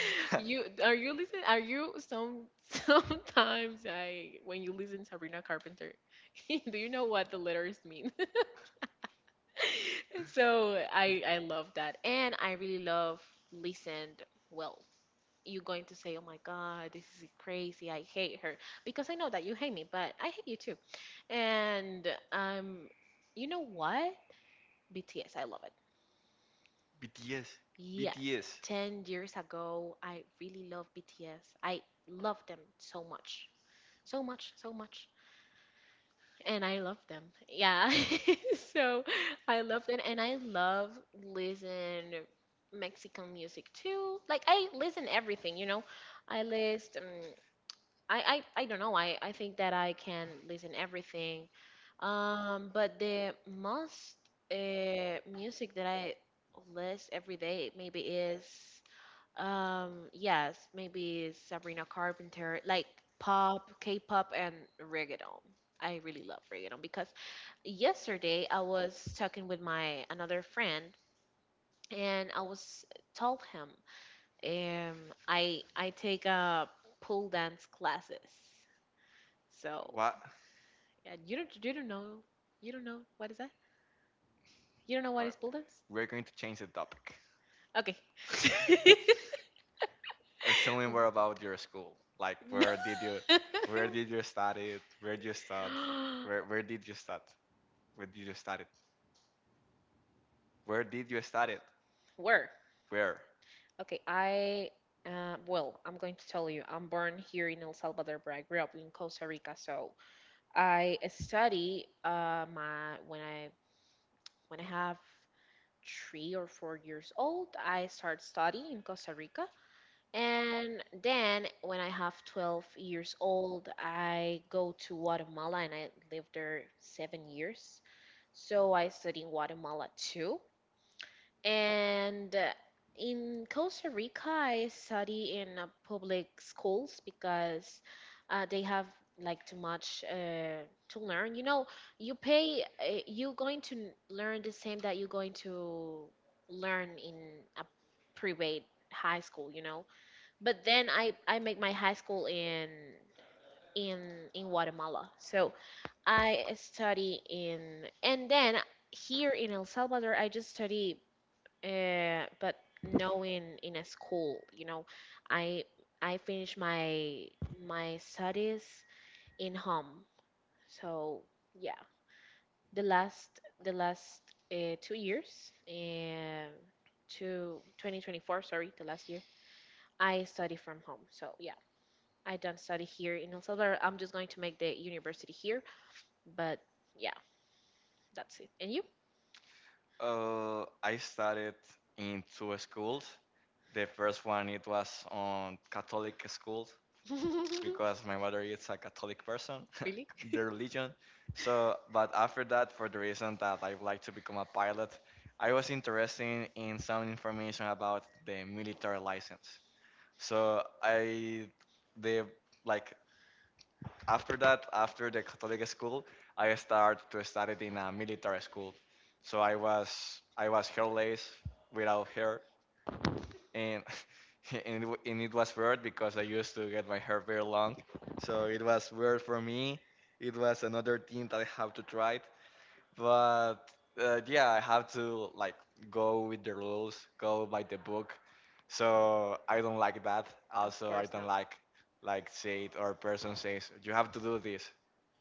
Speaker 2: You are you listen? Are you some sometimes I when you listen to Sabrina Carpenter, do you know what the letters mean? So I love that, and I really love listened. Well, you going to say, oh my god, this is crazy. I hate her because I know that you hate me, but I hate you too. And you know what? BTS, I love it.
Speaker 1: BTS.
Speaker 2: Yes, yes.
Speaker 1: BTS.
Speaker 2: 10 years ago, I really love BTS. I love them so much. so much so much and I love them, yeah. So I love them and I love listen Mexican music too, like I listen everything, you know. i list um, I, I don't know, I think that I can listen everything, but the most music that I list every day maybe is yes, maybe Sabrina Carpenter, like pop, K-pop, and reggaeton. I really love reggaeton because yesterday I was talking with my another friend and I was told him, I take pole dance classes. So
Speaker 1: What?
Speaker 2: yeah, you don't know, you don't know what is that? You don't know what
Speaker 1: Uh,
Speaker 2: is pole dance?
Speaker 1: we're going to change the topic.
Speaker 2: Okay.
Speaker 1: Tell me more about your school. Like,
Speaker 2: No.
Speaker 1: where did you study? It? Where did you start? Where did you start? Where did you study? Where did you study?
Speaker 2: Where?
Speaker 1: Where?
Speaker 2: Okay, I, well, I'm going to tell you, I'm born here in El Salvador, but I grew up in Costa Rica. So I study my when I have 3 or 4 years old, I start studying in Costa Rica, and then when I have 12 years old, I go to Guatemala and I lived there 7 years. So I study in Guatemala too. And in Costa Rica, I study in public schools because they have like too much to learn. You know, you pay, you going to learn the same that you're going to learn in a private high school, you know. But then I make my high school in in Guatemala. So I study in, and then here in El Salvador, I just study but knowing in a school, you know. I I finished my studies in home. So yeah, the last 2 years, to 2024, sorry, the last year, I study from home. So yeah, I don't study here in El Salvador. I'm just going to make the university here. But yeah, that's it. And you?
Speaker 1: I studied in two schools. The first one it was on Catholic school because my mother is a Catholic person,
Speaker 2: Really?
Speaker 1: their religion. So, but after that, for the reason that I would like to become a pilot, I was interested in some information about the military license. So I, the like after that, after the Catholic school, I started to study in a military school. So I was hairless without hair, and and it, was weird because I used to get my hair very long. So it was weird for me. It was another thing that I have to try. But yeah, I have to like go with the rules, go by the book. So I don't like that.
Speaker 2: Of
Speaker 1: Also, I
Speaker 2: course
Speaker 1: don't
Speaker 2: not.
Speaker 1: like say it or person says you have to do this,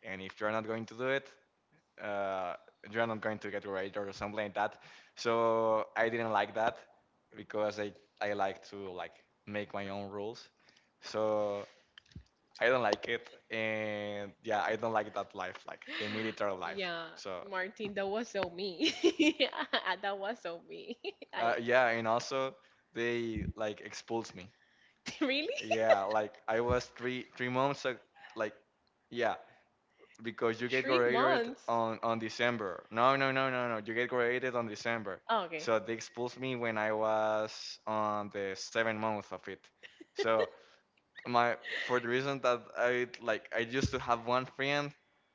Speaker 1: and if you're not going to do it, uh, you're not going to get rated or something like that. So I didn't like that because I like to like make my own rules. So I don't like it, and yeah, I don't like that life, like the military life.
Speaker 2: Yeah,
Speaker 1: So
Speaker 2: Martin, that was so me. Yeah, that was so me. I
Speaker 1: Yeah, and also they like expulsed me.
Speaker 2: really?
Speaker 1: Yeah, like I was three three months like yeah because you get
Speaker 2: Three
Speaker 1: graduated
Speaker 2: months?
Speaker 1: on December. No, no, no, no, no, you get graduated on December.
Speaker 2: Oh, okay.
Speaker 1: So they expulsed me when I was on the seventh month of it. So my for the reason that I like I used to have one friend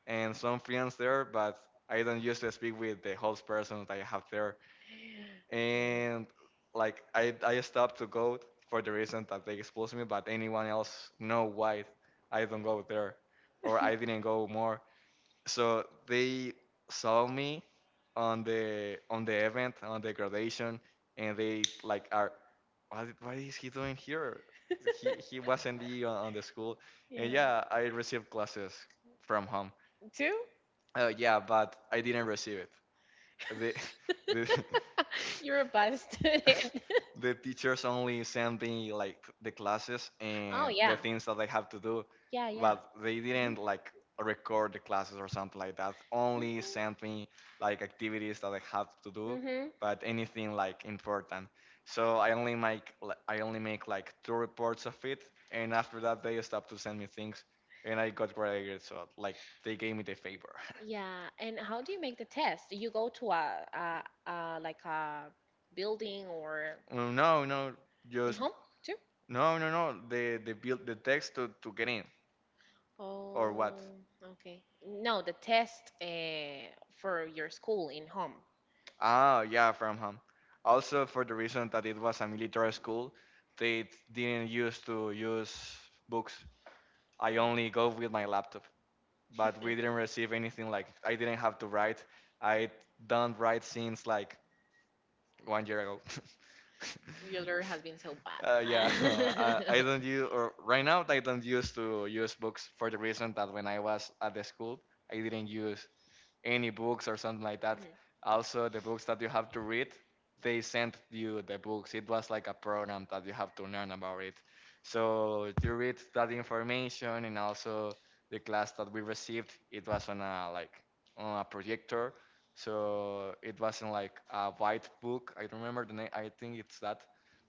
Speaker 1: and some friends there, but I don't used to speak with the whole person that I have there and like I stopped to go for the reason that they exposed me, but anyone else know why I don't go there or I didn't go more. So they saw me on the event on the graduation, and they like are what, is he doing here? He wasn't be on the school, and
Speaker 2: Yeah.
Speaker 1: yeah, I received classes from home.
Speaker 2: Two?
Speaker 1: Yeah, but I didn't receive it. The the
Speaker 2: You're a bad student.
Speaker 1: the teachers only send me like the classes
Speaker 2: Oh,
Speaker 1: and the
Speaker 2: yeah.
Speaker 1: things that I have to do,
Speaker 2: Yeah, yeah.
Speaker 1: but they
Speaker 2: Mhm.
Speaker 1: didn't like record the classes or something like that. Only sent me like activities that I have to do,
Speaker 2: Mhm. Mhm.
Speaker 1: but anything like important. So I only make like two reports of it, and after that they stopped to send me things, and I got graded. So like they gave me the favor.
Speaker 2: Yeah, and how do you make the test? You go to a like a building or
Speaker 1: Oh, no, no,
Speaker 2: in
Speaker 1: just
Speaker 2: home too?
Speaker 1: no, no, no. They built the text to get in
Speaker 2: Oh,
Speaker 1: or what?
Speaker 2: okay. No, the test for your school in home.
Speaker 1: Ah, yeah, from home. Also for the reason that it was a military school, they didn't used to use books. I only go with my laptop. But we didn't receive anything like I didn't have to write. I don't write since like 1 year ago.
Speaker 2: Your learning has been so
Speaker 1: Yeah,
Speaker 2: bad.
Speaker 1: I don't use or right now I don't use to use books for the reason that when I was at the school I didn't use any books or something like that.
Speaker 2: Mhm.
Speaker 1: Also, the books that you have to read, they sent you the books. It was like a program that you have to learn about it. So you read that information and also the class that we received, it was on a like on a projector. So it wasn't like a white book. I don't remember the name. I think it's that.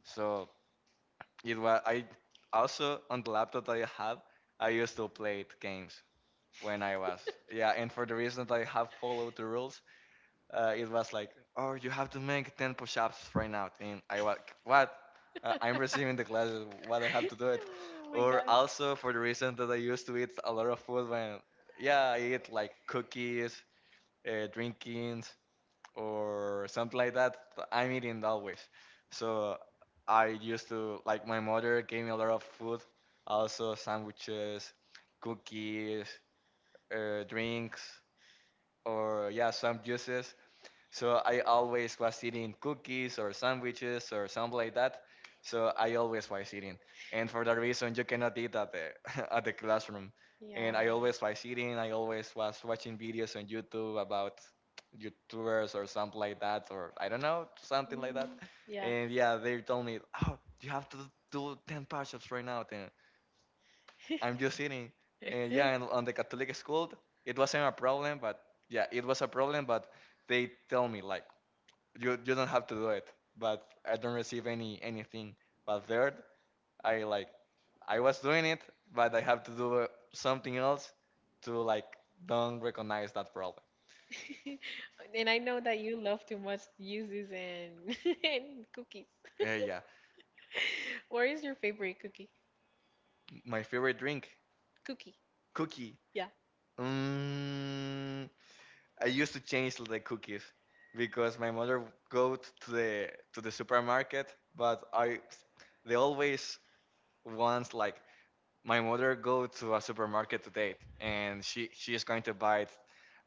Speaker 1: So it was I also on the laptop that I have, I used to play it games when I was, yeah, and for the reason that I have followed the rules, it was like, oh, you have to make 10 push-ups right now, and I was what, I'm receiving the classes, what I have to do it, or also for the reason that I used to eat a lot of food when, yeah, I eat like cookies, drinkings, or something like that, I'm eating always. So I used to like, my mother gave me a lot of food, also sandwiches, cookies, drinks, or, yeah, some juices. So I always was eating cookies or sandwiches or something like that. So I always was eating, and for that reason, you cannot eat at the at the classroom. And I always was eating. I always was watching videos on YouTube about YouTubers or something like that, or I don't know, something like that.
Speaker 2: Yeah.
Speaker 1: And, yeah, they told me, "Oh, you have to do 10 push-ups right now." Then I'm just eating. And, yeah, and on the Catholic school, it wasn't a problem, but, yeah, it was a problem, but they tell me like, you don't have to do it, but I don't receive anything, but third, I like, I was doing it, but I have to do something else to like don't recognize that problem.
Speaker 2: And I know that you love too much uses and and cookies.
Speaker 1: Yeah, yeah.
Speaker 2: What is your favorite cookie?
Speaker 1: My favorite drink
Speaker 2: Cookie.
Speaker 1: cookie,
Speaker 2: Yeah.
Speaker 1: mm, I used to change the cookies because my mother go to the supermarket, but I, they always wants like, my mother go to a supermarket today, and she is going to buy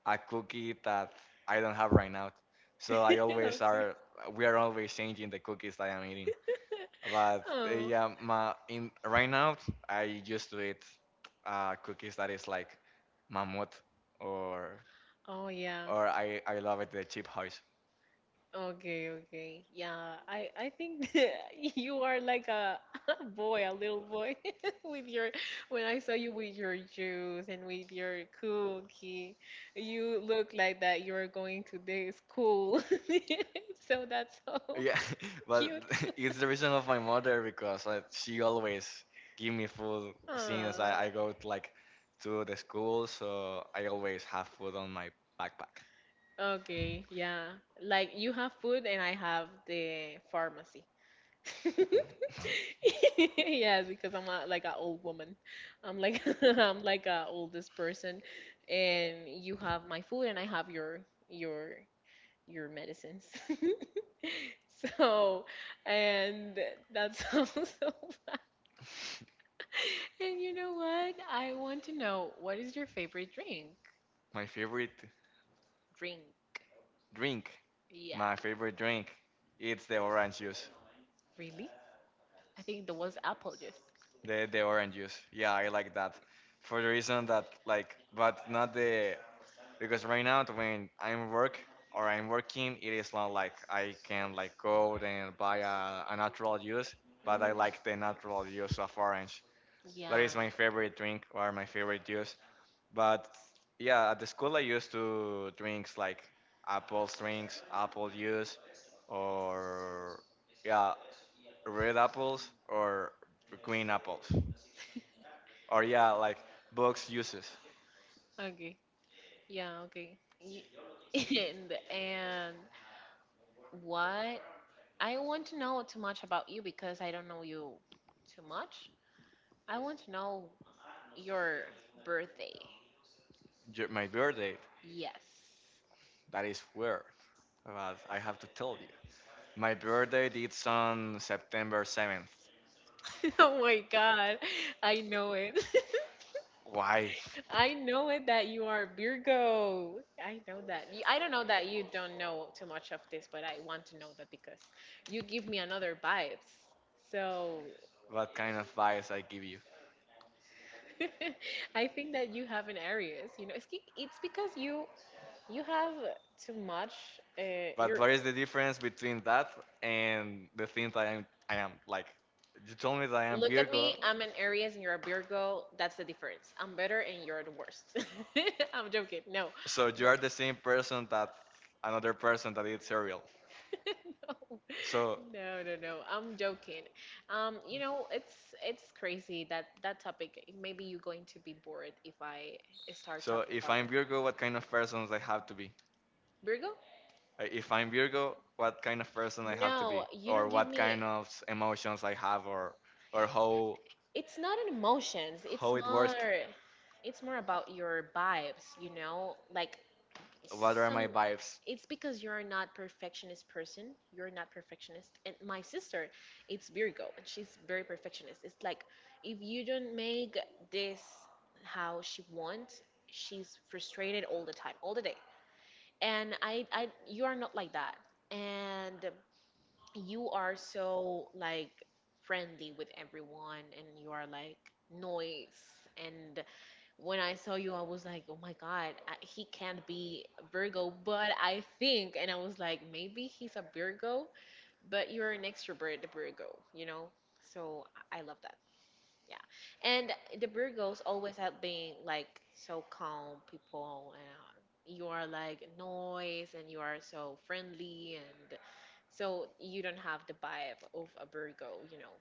Speaker 1: a cookie that I don't have right now. So I always
Speaker 2: Okay.
Speaker 1: are, we are always changing the cookies that I'm eating. But
Speaker 2: Oh.
Speaker 1: yeah, my in right now I used to eat cookies that is like mammoth, or
Speaker 2: Oh yeah.
Speaker 1: or I love it the cheap house.
Speaker 2: Okay, okay. Yeah, I think you are like a, a boy, a little boy with your when I saw you with your juice and with your cookie, you look like that you are going to the school. So that's so
Speaker 1: Yeah, but
Speaker 2: cute.
Speaker 1: it's the reason of my mother because she always give me food since
Speaker 2: Aww.
Speaker 1: I go to, like to the school, so I always have food on my backpack.
Speaker 2: Okay, yeah. Like you have food and I have the pharmacy. Yes, because I'm a, like an old woman. I'm like I'm like a oldest person, and you have my food and I have your your your medicines. So, and that's also. And you know what? I want to know, what is your favorite drink?
Speaker 1: My favorite
Speaker 2: Drink?
Speaker 1: Drink.
Speaker 2: Yeah,
Speaker 1: My favorite drink. It's the orange juice.
Speaker 2: really? I think there was apple juice.
Speaker 1: The orange juice. Yeah, I like that. For the reason that like, but not the, because right now when I'm working, it is not like I can like go and buy a natural juice, but I
Speaker 2: Mm,
Speaker 1: like the natural juice of orange. That
Speaker 2: yeah.
Speaker 1: is my favorite drink or my favorite juice. But, yeah, at the school I used to drinks like apple drinks, apple juice, or, yeah, red apples or green apples. Or, yeah, like books uses.
Speaker 2: Okay. Yeah. Okay. Y- and what? I want to know too much about you because I don't know you too much. I want to know your birthday.
Speaker 1: My birthday,
Speaker 2: Yes.
Speaker 1: that is weird, but I have to tell you. My birthday is on September 7th.
Speaker 2: Oh my god. I know it.
Speaker 1: Why?
Speaker 2: I know it that you are Virgo. I know that. I don't know that you don't know too much of this, but I want to know that because you give me another vibes. So
Speaker 1: What kind of bias I give you?
Speaker 2: I think that you have an Aries. You know, it's because you have too much.
Speaker 1: But
Speaker 2: You're
Speaker 1: what is the difference between that and the thing that I am like? You told me that I am
Speaker 2: look at
Speaker 1: Virgo,
Speaker 2: me. I'm an Aries and you're a Virgo. That's the difference. I'm better and you're the worst. I'm joking. No.
Speaker 1: so you
Speaker 2: No.
Speaker 1: are the same person that another person that eats cereal. So
Speaker 2: No, no, no. No. I'm joking. You know, it's crazy that that topic. Maybe you're going to be bored if I start
Speaker 1: So
Speaker 2: talking
Speaker 1: if
Speaker 2: about
Speaker 1: I'm
Speaker 2: it.
Speaker 1: Virgo, what kind of persons I have to be?
Speaker 2: Virgo?
Speaker 1: If I'm Virgo, what kind of person I have to be,
Speaker 2: No, you
Speaker 1: or
Speaker 2: don't give
Speaker 1: what kind
Speaker 2: me.
Speaker 1: of emotions I have, or how
Speaker 2: It's not an emotions. It's
Speaker 1: how it works.
Speaker 2: more. It's more about your vibes. You know, like
Speaker 1: What are
Speaker 2: some
Speaker 1: my vibes?
Speaker 2: it's because you're not perfectionist person. You're not perfectionist and my sister it's Virgo and she's very perfectionist. It's like if you don't make this how she wants, she's frustrated all the time, all the day, and I you are not like that and you are so like friendly with everyone and you are like noise and when I saw you, I was like, oh my God, I, he can't be a Virgo. But I think, and I was like, maybe he's a Virgo, but you're an extrovert, the Virgo, you know? So I love that. Yeah. And the Virgos always have been like so calm people. And you are like noise and you are so friendly. And so you don't have the vibe of a Virgo, you know?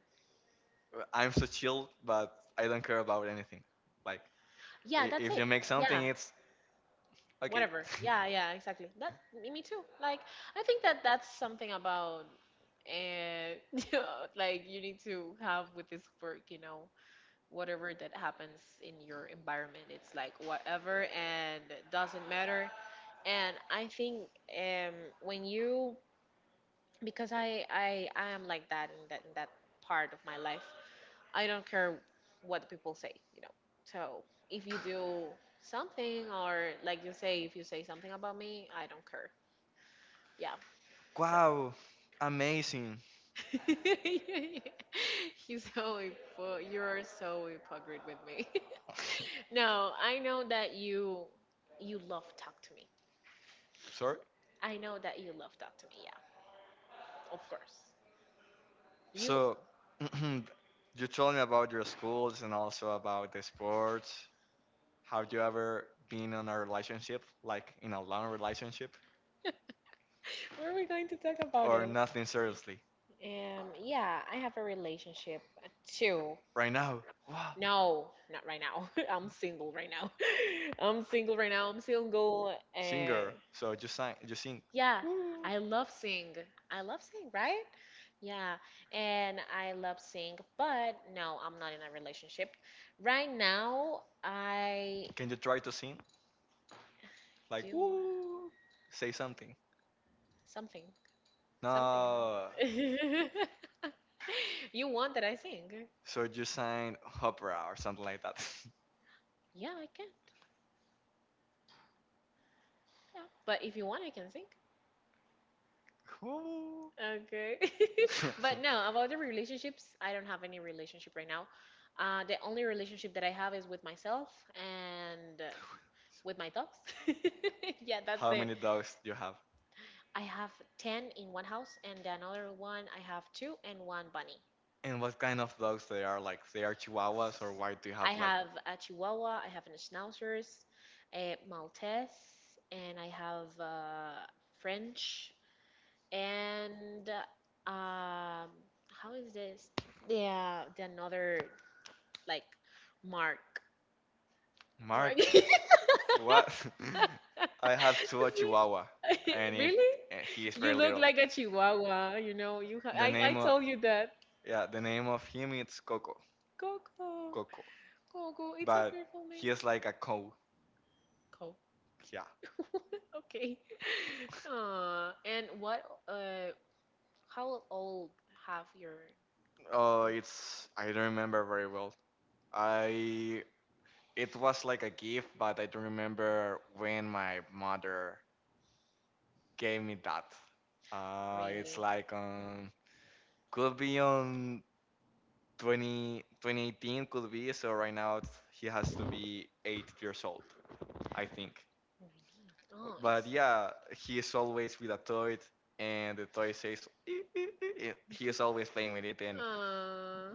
Speaker 1: I'm so chill, but I don't care about anything. Like,
Speaker 2: Yeah, that's
Speaker 1: if
Speaker 2: it.
Speaker 1: you make
Speaker 2: Yeah,
Speaker 1: something, it's okay.
Speaker 2: whatever. Yeah, yeah, exactly, that me too. Like I think that's something about uh, you know, like you need to have with this work, you know, whatever that happens in your environment. It's like whatever and doesn't matter. And I think um when you, because I am like that in that part of my life. I don't care what people say, you know. So if you do something or like you say, if you say something about me, I don't care. Yeah. So
Speaker 1: Wow, amazing.
Speaker 2: you're so hypo- you're so hypocrite with me. No, I know that you love talk to me.
Speaker 1: Sorry.
Speaker 2: I know that you love talk to me. Yeah, of course. You.
Speaker 1: So you told me about your schools and also about the sports. Have you ever been in a relationship, like in a long relationship,
Speaker 2: Where are we going to talk about
Speaker 1: or
Speaker 2: it?
Speaker 1: nothing seriously?
Speaker 2: Yeah, I have a relationship too.
Speaker 1: Right now, wow,
Speaker 2: No, not right now. I'm single right now. I'm single right now. I'm single. And
Speaker 1: singer. So you sing, you sing.
Speaker 2: yeah, I love sing. I love sing, right? Yeah, and I love sing, but no, I'm not in a relationship. Right now, I
Speaker 1: Can you try to sing? Like,
Speaker 2: do
Speaker 1: woo, say something.
Speaker 2: something. Something.
Speaker 1: No.
Speaker 2: You want that I sing?
Speaker 1: So you sang opera or something like that.
Speaker 2: Yeah, I can. Yeah. But if you want, I can sing.
Speaker 1: Woo.
Speaker 2: Okay. But no, about the relationships, I don't have any relationship right now. The only relationship that I have is with myself and with my dogs. Yeah, that's
Speaker 1: How
Speaker 2: the.
Speaker 1: many dogs do you have?
Speaker 2: I have 10 in one house, and the another one I have two and one bunny.
Speaker 1: And what kind of dogs they are? Like, they are Chihuahuas, or why do you have
Speaker 2: I
Speaker 1: like
Speaker 2: have a Chihuahua, I have a Schnauzers, a Maltese, and I have French, and uh, um, how is this? Yeah, the another like Mark. Mark.
Speaker 1: Mark? What? I have two, a Chihuahua, and it,
Speaker 2: Really?
Speaker 1: and he is
Speaker 2: You
Speaker 1: very
Speaker 2: look
Speaker 1: little.
Speaker 2: like a chihuahua, you know. You ha-
Speaker 1: The
Speaker 2: I
Speaker 1: name of
Speaker 2: told you that.
Speaker 1: yeah, the name of him, it's Coco,
Speaker 2: Coco.
Speaker 1: Coco,
Speaker 2: Coco, it's a
Speaker 1: but
Speaker 2: beautiful name.
Speaker 1: he is like a cow.
Speaker 2: Coco.
Speaker 1: Yeah.
Speaker 2: Okay. And what uh how old have your
Speaker 1: Oh, it's, I don't remember very well. I it was like a gift, but I don't remember when my mother gave me that. It's
Speaker 2: really?
Speaker 1: like, could be on 20, 2018, could be. So right now he has to be 8 years old, I think.
Speaker 2: Oh,
Speaker 1: But,
Speaker 2: it's
Speaker 1: yeah, he is always with a toy, and the toy says, "Ee, ee, ee, ee." He is always playing with it. And
Speaker 2: uh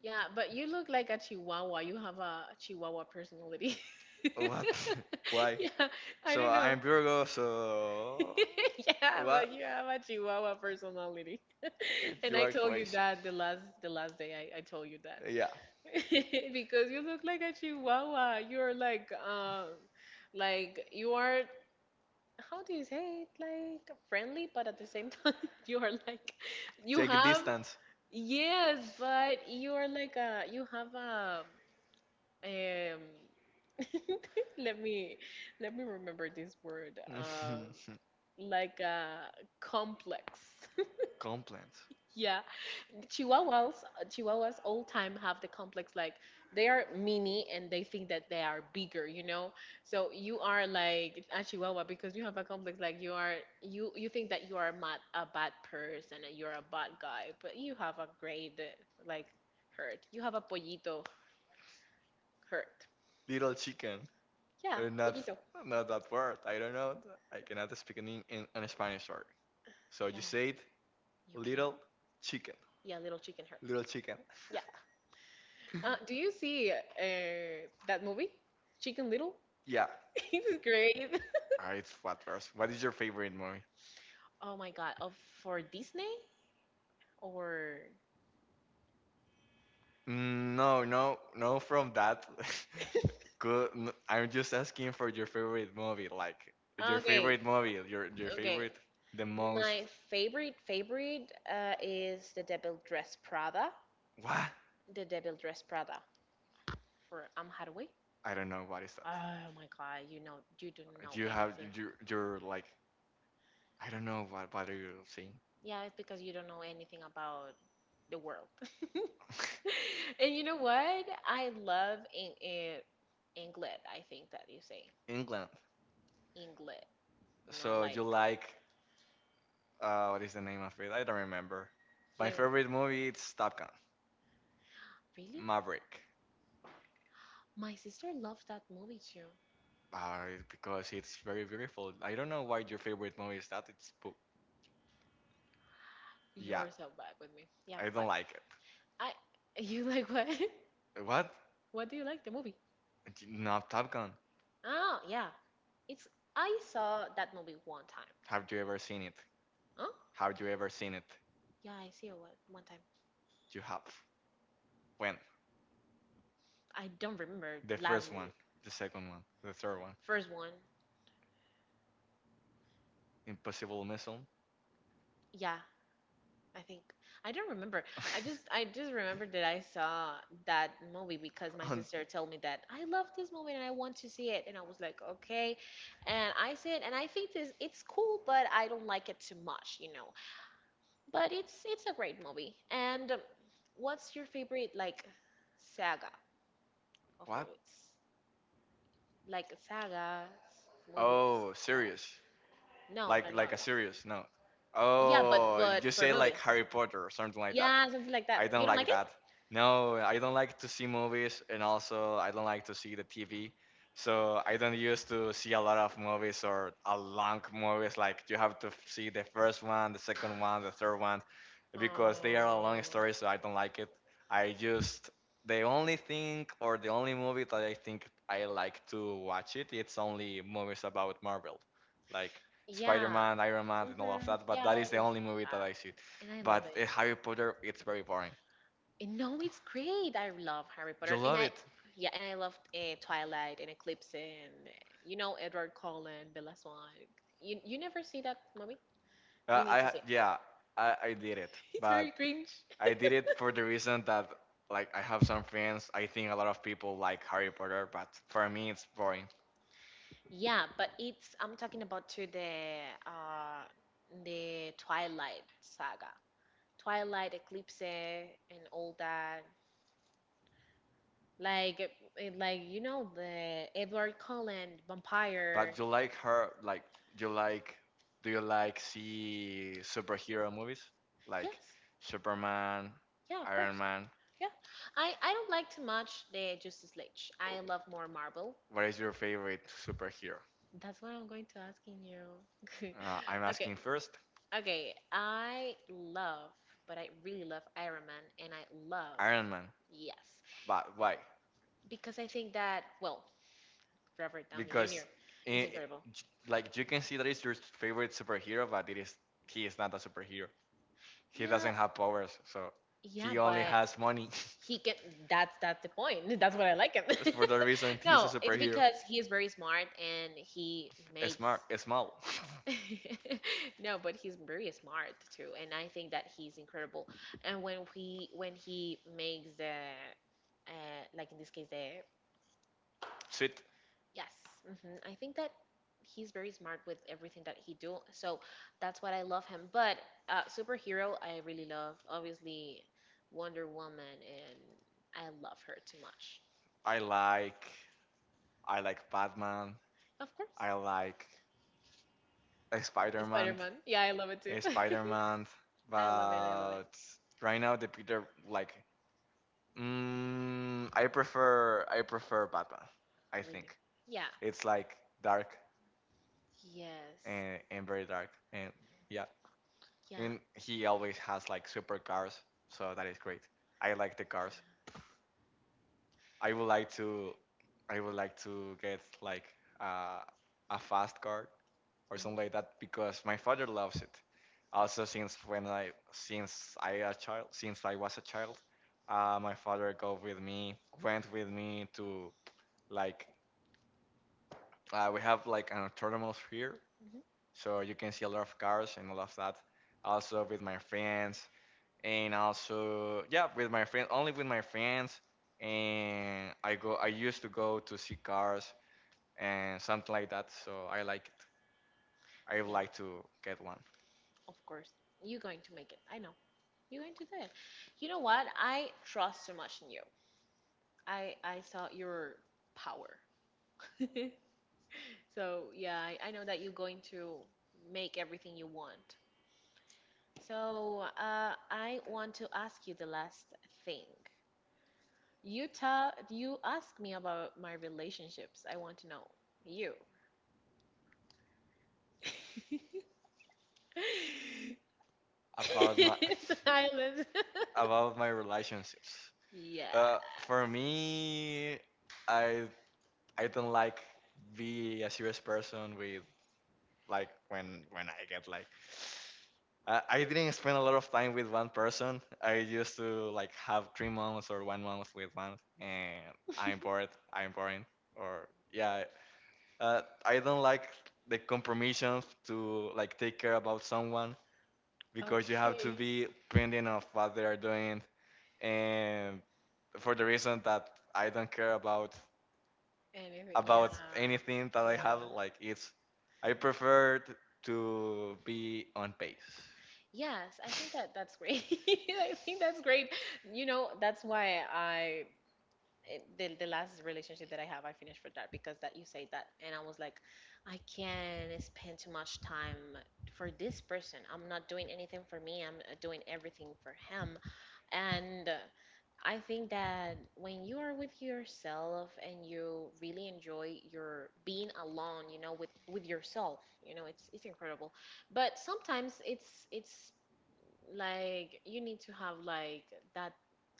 Speaker 2: yeah, but you look like a chihuahua. You have a chihuahua personality.
Speaker 1: what? Why?
Speaker 2: Yeah, I
Speaker 1: So
Speaker 2: don't know.
Speaker 1: I'm Virgo. So
Speaker 2: Yeah,
Speaker 1: what?
Speaker 2: but you have a chihuahua personality. And
Speaker 1: You
Speaker 2: I
Speaker 1: are
Speaker 2: told you
Speaker 1: crazy.
Speaker 2: that the last day I told you that.
Speaker 1: Yeah.
Speaker 2: Because you look like a chihuahua. You're like you are, how do you say it? Like friendly, but at the same time you are like you
Speaker 1: Take a
Speaker 2: have.
Speaker 1: distance.
Speaker 2: Yes, but you're like a, you have a um let me let me remember this word, like a complex.
Speaker 1: Complaint.
Speaker 2: Yeah, Chihuahuas, Chihuahuas all time have the complex like they are mini and they think that they are bigger, you know. So you are like a Chihuahua because you have a complex like you are, you think that you are not a bad person and you're a bad guy, but you have a great like hurt. You have a pollito hurt.
Speaker 1: Little chicken.
Speaker 2: Yeah,
Speaker 1: Uh, Not
Speaker 2: pollito.
Speaker 1: not that word. I don't know. I cannot speak in Spanish. Sorry. So you
Speaker 2: Yeah,
Speaker 1: say it.
Speaker 2: you can.
Speaker 1: Little chicken.
Speaker 2: Yeah, little chicken hurt.
Speaker 1: Little chicken.
Speaker 2: Yeah. Do you see that movie, Chicken Little?
Speaker 1: Yeah.
Speaker 2: It's great.
Speaker 1: All right. What verse? What is your favorite movie?
Speaker 2: Oh my God. Of for Disney or
Speaker 1: Mm, no, no, no. From that, good. I'm just asking for your favorite movie, like your
Speaker 2: okay,
Speaker 1: favorite movie, your
Speaker 2: okay.
Speaker 1: favorite, the most.
Speaker 2: My favorite is the Devil Dress Prada.
Speaker 1: What?
Speaker 2: The Devil Dress Prada for Am Hathaway.
Speaker 1: I don't know what is that.
Speaker 2: Oh my God. You know you don't know
Speaker 1: Do you have
Speaker 2: anything.
Speaker 1: your like? I don't know what are you saying?
Speaker 2: Yeah, it's because you don't know anything about the world. And you know what? I love in England. I think that you say
Speaker 1: England.
Speaker 2: England. No,
Speaker 1: So
Speaker 2: like
Speaker 1: you like, what is the name of it? I don't remember. My
Speaker 2: flim.
Speaker 1: favorite movie, it's Top Gun,
Speaker 2: Really?
Speaker 1: Maverick.
Speaker 2: My sister loved that movie too.
Speaker 1: Because it's very beautiful. I don't know why your favorite movie is that. It's book.
Speaker 2: You
Speaker 1: Yeah,
Speaker 2: are so bad with me. Yeah,
Speaker 1: I don't
Speaker 2: but
Speaker 1: like it.
Speaker 2: I you like what?
Speaker 1: What?
Speaker 2: What do you like the movie?
Speaker 1: Not Top Gun.
Speaker 2: Oh, yeah. It's I saw that movie one time.
Speaker 1: Have you ever seen it?
Speaker 2: Huh?
Speaker 1: Have you ever seen it?
Speaker 2: Yeah, I see it one time.
Speaker 1: You have. When?
Speaker 2: I don't remember
Speaker 1: The
Speaker 2: last
Speaker 1: first one, the second one, the third one.
Speaker 2: first one.
Speaker 1: Impossible Missile.
Speaker 2: Yeah, I think I don't remember. I just remember that I saw that movie because my
Speaker 1: On
Speaker 2: sister told me that I love this movie and I want to see it and I was like, "Okay." And I said, and I think this it's cool, but I don't like it too much, you know. But it's a great movie. And what's your favorite like saga of
Speaker 1: what?
Speaker 2: movies? Like sagas, movies.
Speaker 1: Oh,
Speaker 2: Yeah.
Speaker 1: serious. Like like a
Speaker 2: No.
Speaker 1: serious. No.
Speaker 2: Yeah, but
Speaker 1: Oh, you
Speaker 2: for
Speaker 1: say like
Speaker 2: movies.
Speaker 1: Harry Potter or something like that.
Speaker 2: Yeah, something like that.
Speaker 1: I don't
Speaker 2: You don't
Speaker 1: like
Speaker 2: like it?
Speaker 1: that. No, I don't like to see movies, and also I don't like to see the TV. So I don't used to see a lot of movies or a long movies. Like, you have to see the first one, the second one, the third one, because they are
Speaker 2: Um,
Speaker 1: a long story. So I don't like it. I just, the only thing or the only movie that I think I like to watch it, it's only movies about Marvel, like
Speaker 2: yeah.
Speaker 1: Spider-Man, Iron Man, and all of
Speaker 2: Hmm.
Speaker 1: that. But
Speaker 2: Yeah,
Speaker 1: that is
Speaker 2: almost.
Speaker 1: the only movie that I see.
Speaker 2: Yeah. And I love it.
Speaker 1: But Harry Potter, it's very boring.
Speaker 2: And no, it's great. I love Harry
Speaker 1: You
Speaker 2: Potter. And
Speaker 1: love
Speaker 2: I,
Speaker 1: it.
Speaker 2: yeah, and I loved Twilight and Eclipse, and, you know, Edward Cullen, Bella Swan. You never see that movie? You need to
Speaker 1: I,
Speaker 2: see it.
Speaker 1: yeah, I did it,
Speaker 2: It's
Speaker 1: but
Speaker 2: very cringe.
Speaker 1: I did it for the reason that like, I have some friends. I think a lot of people like Harry Potter, but for me it's boring.
Speaker 2: Yeah, but it's, I'm talking about to the Twilight saga. Twilight, Eclipse, and all that. Like like you know the Edward Cullen vampire.
Speaker 1: But you like her, like, you like, do you like see superhero movies? Like,
Speaker 2: Yes,
Speaker 1: Superman,
Speaker 2: yeah, of
Speaker 1: Iron
Speaker 2: course.
Speaker 1: Man?
Speaker 2: Yeah, I don't like too much the Justice League. I love more Marvel.
Speaker 1: What is your favorite superhero?
Speaker 2: That's what I'm going to asking you.
Speaker 1: I'm
Speaker 2: Okay,
Speaker 1: asking first,
Speaker 2: okay. I love, but I really love Iron Man, and I love,
Speaker 1: Iron Man.
Speaker 2: yes,
Speaker 1: But why?
Speaker 2: because I think that well, Robert Downey Jr.
Speaker 1: Because, i
Speaker 2: is
Speaker 1: i-
Speaker 2: incredible.
Speaker 1: like, you can see that it's your favorite superhero, but it is, he is not a superhero. He
Speaker 2: Yeah,
Speaker 1: doesn't have powers, so
Speaker 2: yeah,
Speaker 1: he only
Speaker 2: but
Speaker 1: has money.
Speaker 2: he can, that's the point. That's what I like him.
Speaker 1: That's for the reason he's a
Speaker 2: No, it's
Speaker 1: superhero.
Speaker 2: because he is very smart and he makes
Speaker 1: Smart, small,
Speaker 2: no but he's very smart too and I think that he's incredible. And when we, when he makes the like in this case the
Speaker 1: sweet.
Speaker 2: yes, hmm, I think that he's very smart with everything that he do. So that's what I love him. But superhero, I really love, obviously, Wonder Woman, and I love her too much.
Speaker 1: I like, I like Batman.
Speaker 2: Of course.
Speaker 1: I like
Speaker 2: Spider
Speaker 1: Spider-Man.
Speaker 2: Man. Yeah, I love it too.
Speaker 1: Spider-Man,
Speaker 2: I love it. I love it.
Speaker 1: but right now the Peter like, I prefer Batman. I
Speaker 2: Really.
Speaker 1: think
Speaker 2: Yeah.
Speaker 1: it's like dark
Speaker 2: Yes.
Speaker 1: and very dark, and, yeah,
Speaker 2: Yeah.
Speaker 1: and he always has like super cars, so that is great. I like the cars. I would like to, I would like to get like uh, a fast car or
Speaker 2: Mhm.
Speaker 1: something like that because my father loves it. Also, since when I since I a child since I was a child, my father go with me went with me to like, we have like an autonomous here,
Speaker 2: Mhm.
Speaker 1: so you can see a lot of cars and all of that. Also with my friends, and also, yeah, with my friends, only with my friends, and I used to go to see cars and something like that, so I like it. I would
Speaker 2: Yeah.
Speaker 1: like to get one.
Speaker 2: Of course. You're going to make it. I know. You're going to do it. You know what? I trust so much in you. I saw your power. So yeah, I know that you're going to make everything you want. So I want to ask you the last thing. You ta you ask me about my relationships. I want to know you.
Speaker 1: About my
Speaker 2: Silence.
Speaker 1: about my relationships,
Speaker 2: Yeah.
Speaker 1: for me, i I don't like be a serious person with like, when when I get like, I didn't spend a lot of time with one person. I used to like have 3 months or 1 month with one, and I'm bored. I'm boring. Or, yeah, I don't like the compromissions to like take care about someone because you have to be pending of what they are doing, and for the reason that I don't care about
Speaker 2: Anything. Yeah.
Speaker 1: about anything that I have.
Speaker 2: Yeah.
Speaker 1: Like, it's, I prefer to be on pace.
Speaker 2: Yes, I think that that's great. I think that's great. You know, that's why I it, the last relationship that I have, I finished for that because that you say that, and I was like, I can't spend too much time for this person. I'm not doing anything for me. I'm doing everything for him, and I think that when you are with yourself and you really enjoy your being alone, you know, with yourself, you know, it's incredible. But sometimes it's like you need to have like that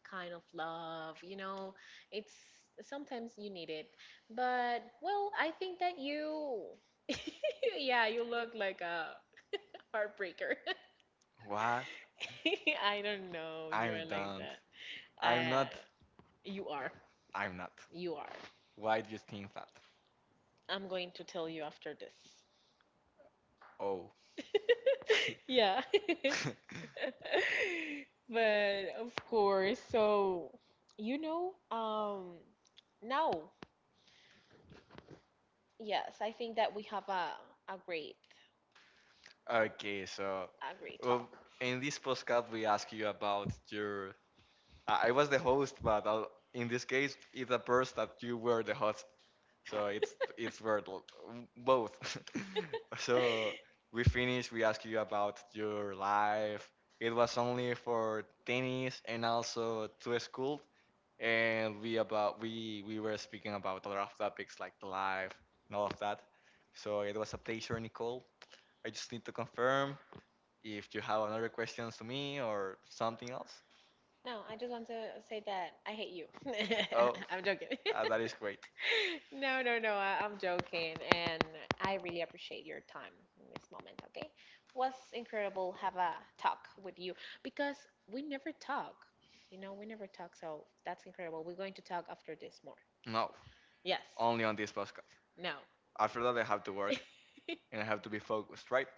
Speaker 2: kind of love, you know. It's sometimes you need it, but well, I think that you yeah, you look like a heartbreaker.
Speaker 1: Why?
Speaker 2: I don't know, you
Speaker 1: I'm
Speaker 2: are like
Speaker 1: don't.
Speaker 2: that.
Speaker 1: I'm
Speaker 2: uh
Speaker 1: not.
Speaker 2: you are,
Speaker 1: I'm not.
Speaker 2: you are
Speaker 1: Why do you think that?
Speaker 2: I'm going to tell you after this.
Speaker 1: Oh.
Speaker 2: Yeah. But of course, so you know, now. Yes, I think that we have a great con-
Speaker 1: Okay, so,
Speaker 2: a great
Speaker 1: well,
Speaker 2: talk.
Speaker 1: in this podcast we ask you about your. I was the host, but I in this case it appears that you were the host, so it's weird, both. So we finish. We ask you about your life. It was only for tennis and also to school, and we about, we were speaking about a lot of topics like life and all of that. So it was a pleasure, Nicole. I just need to confirm if you have another questions to me or something else.
Speaker 2: No, I just want to say that I hate you.
Speaker 1: Oh,
Speaker 2: I'm joking.
Speaker 1: that is great.
Speaker 2: No, no, I'm joking. And I really appreciate your time in this moment, okay? Was incredible have a talk with you because we never talk. You know, we never talk, so that's incredible. We're going to talk after this more.
Speaker 1: No,
Speaker 2: Yes.
Speaker 1: only on this podcast.
Speaker 2: No.
Speaker 1: After that, I have to work and I have to be focused, right?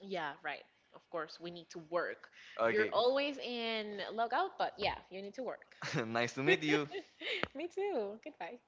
Speaker 2: Yeah, right. Of course, we need to work. You're
Speaker 1: Okay.
Speaker 2: always in logout, but yeah, you need to work.
Speaker 1: Nice to meet you.
Speaker 2: Me too. Goodbye.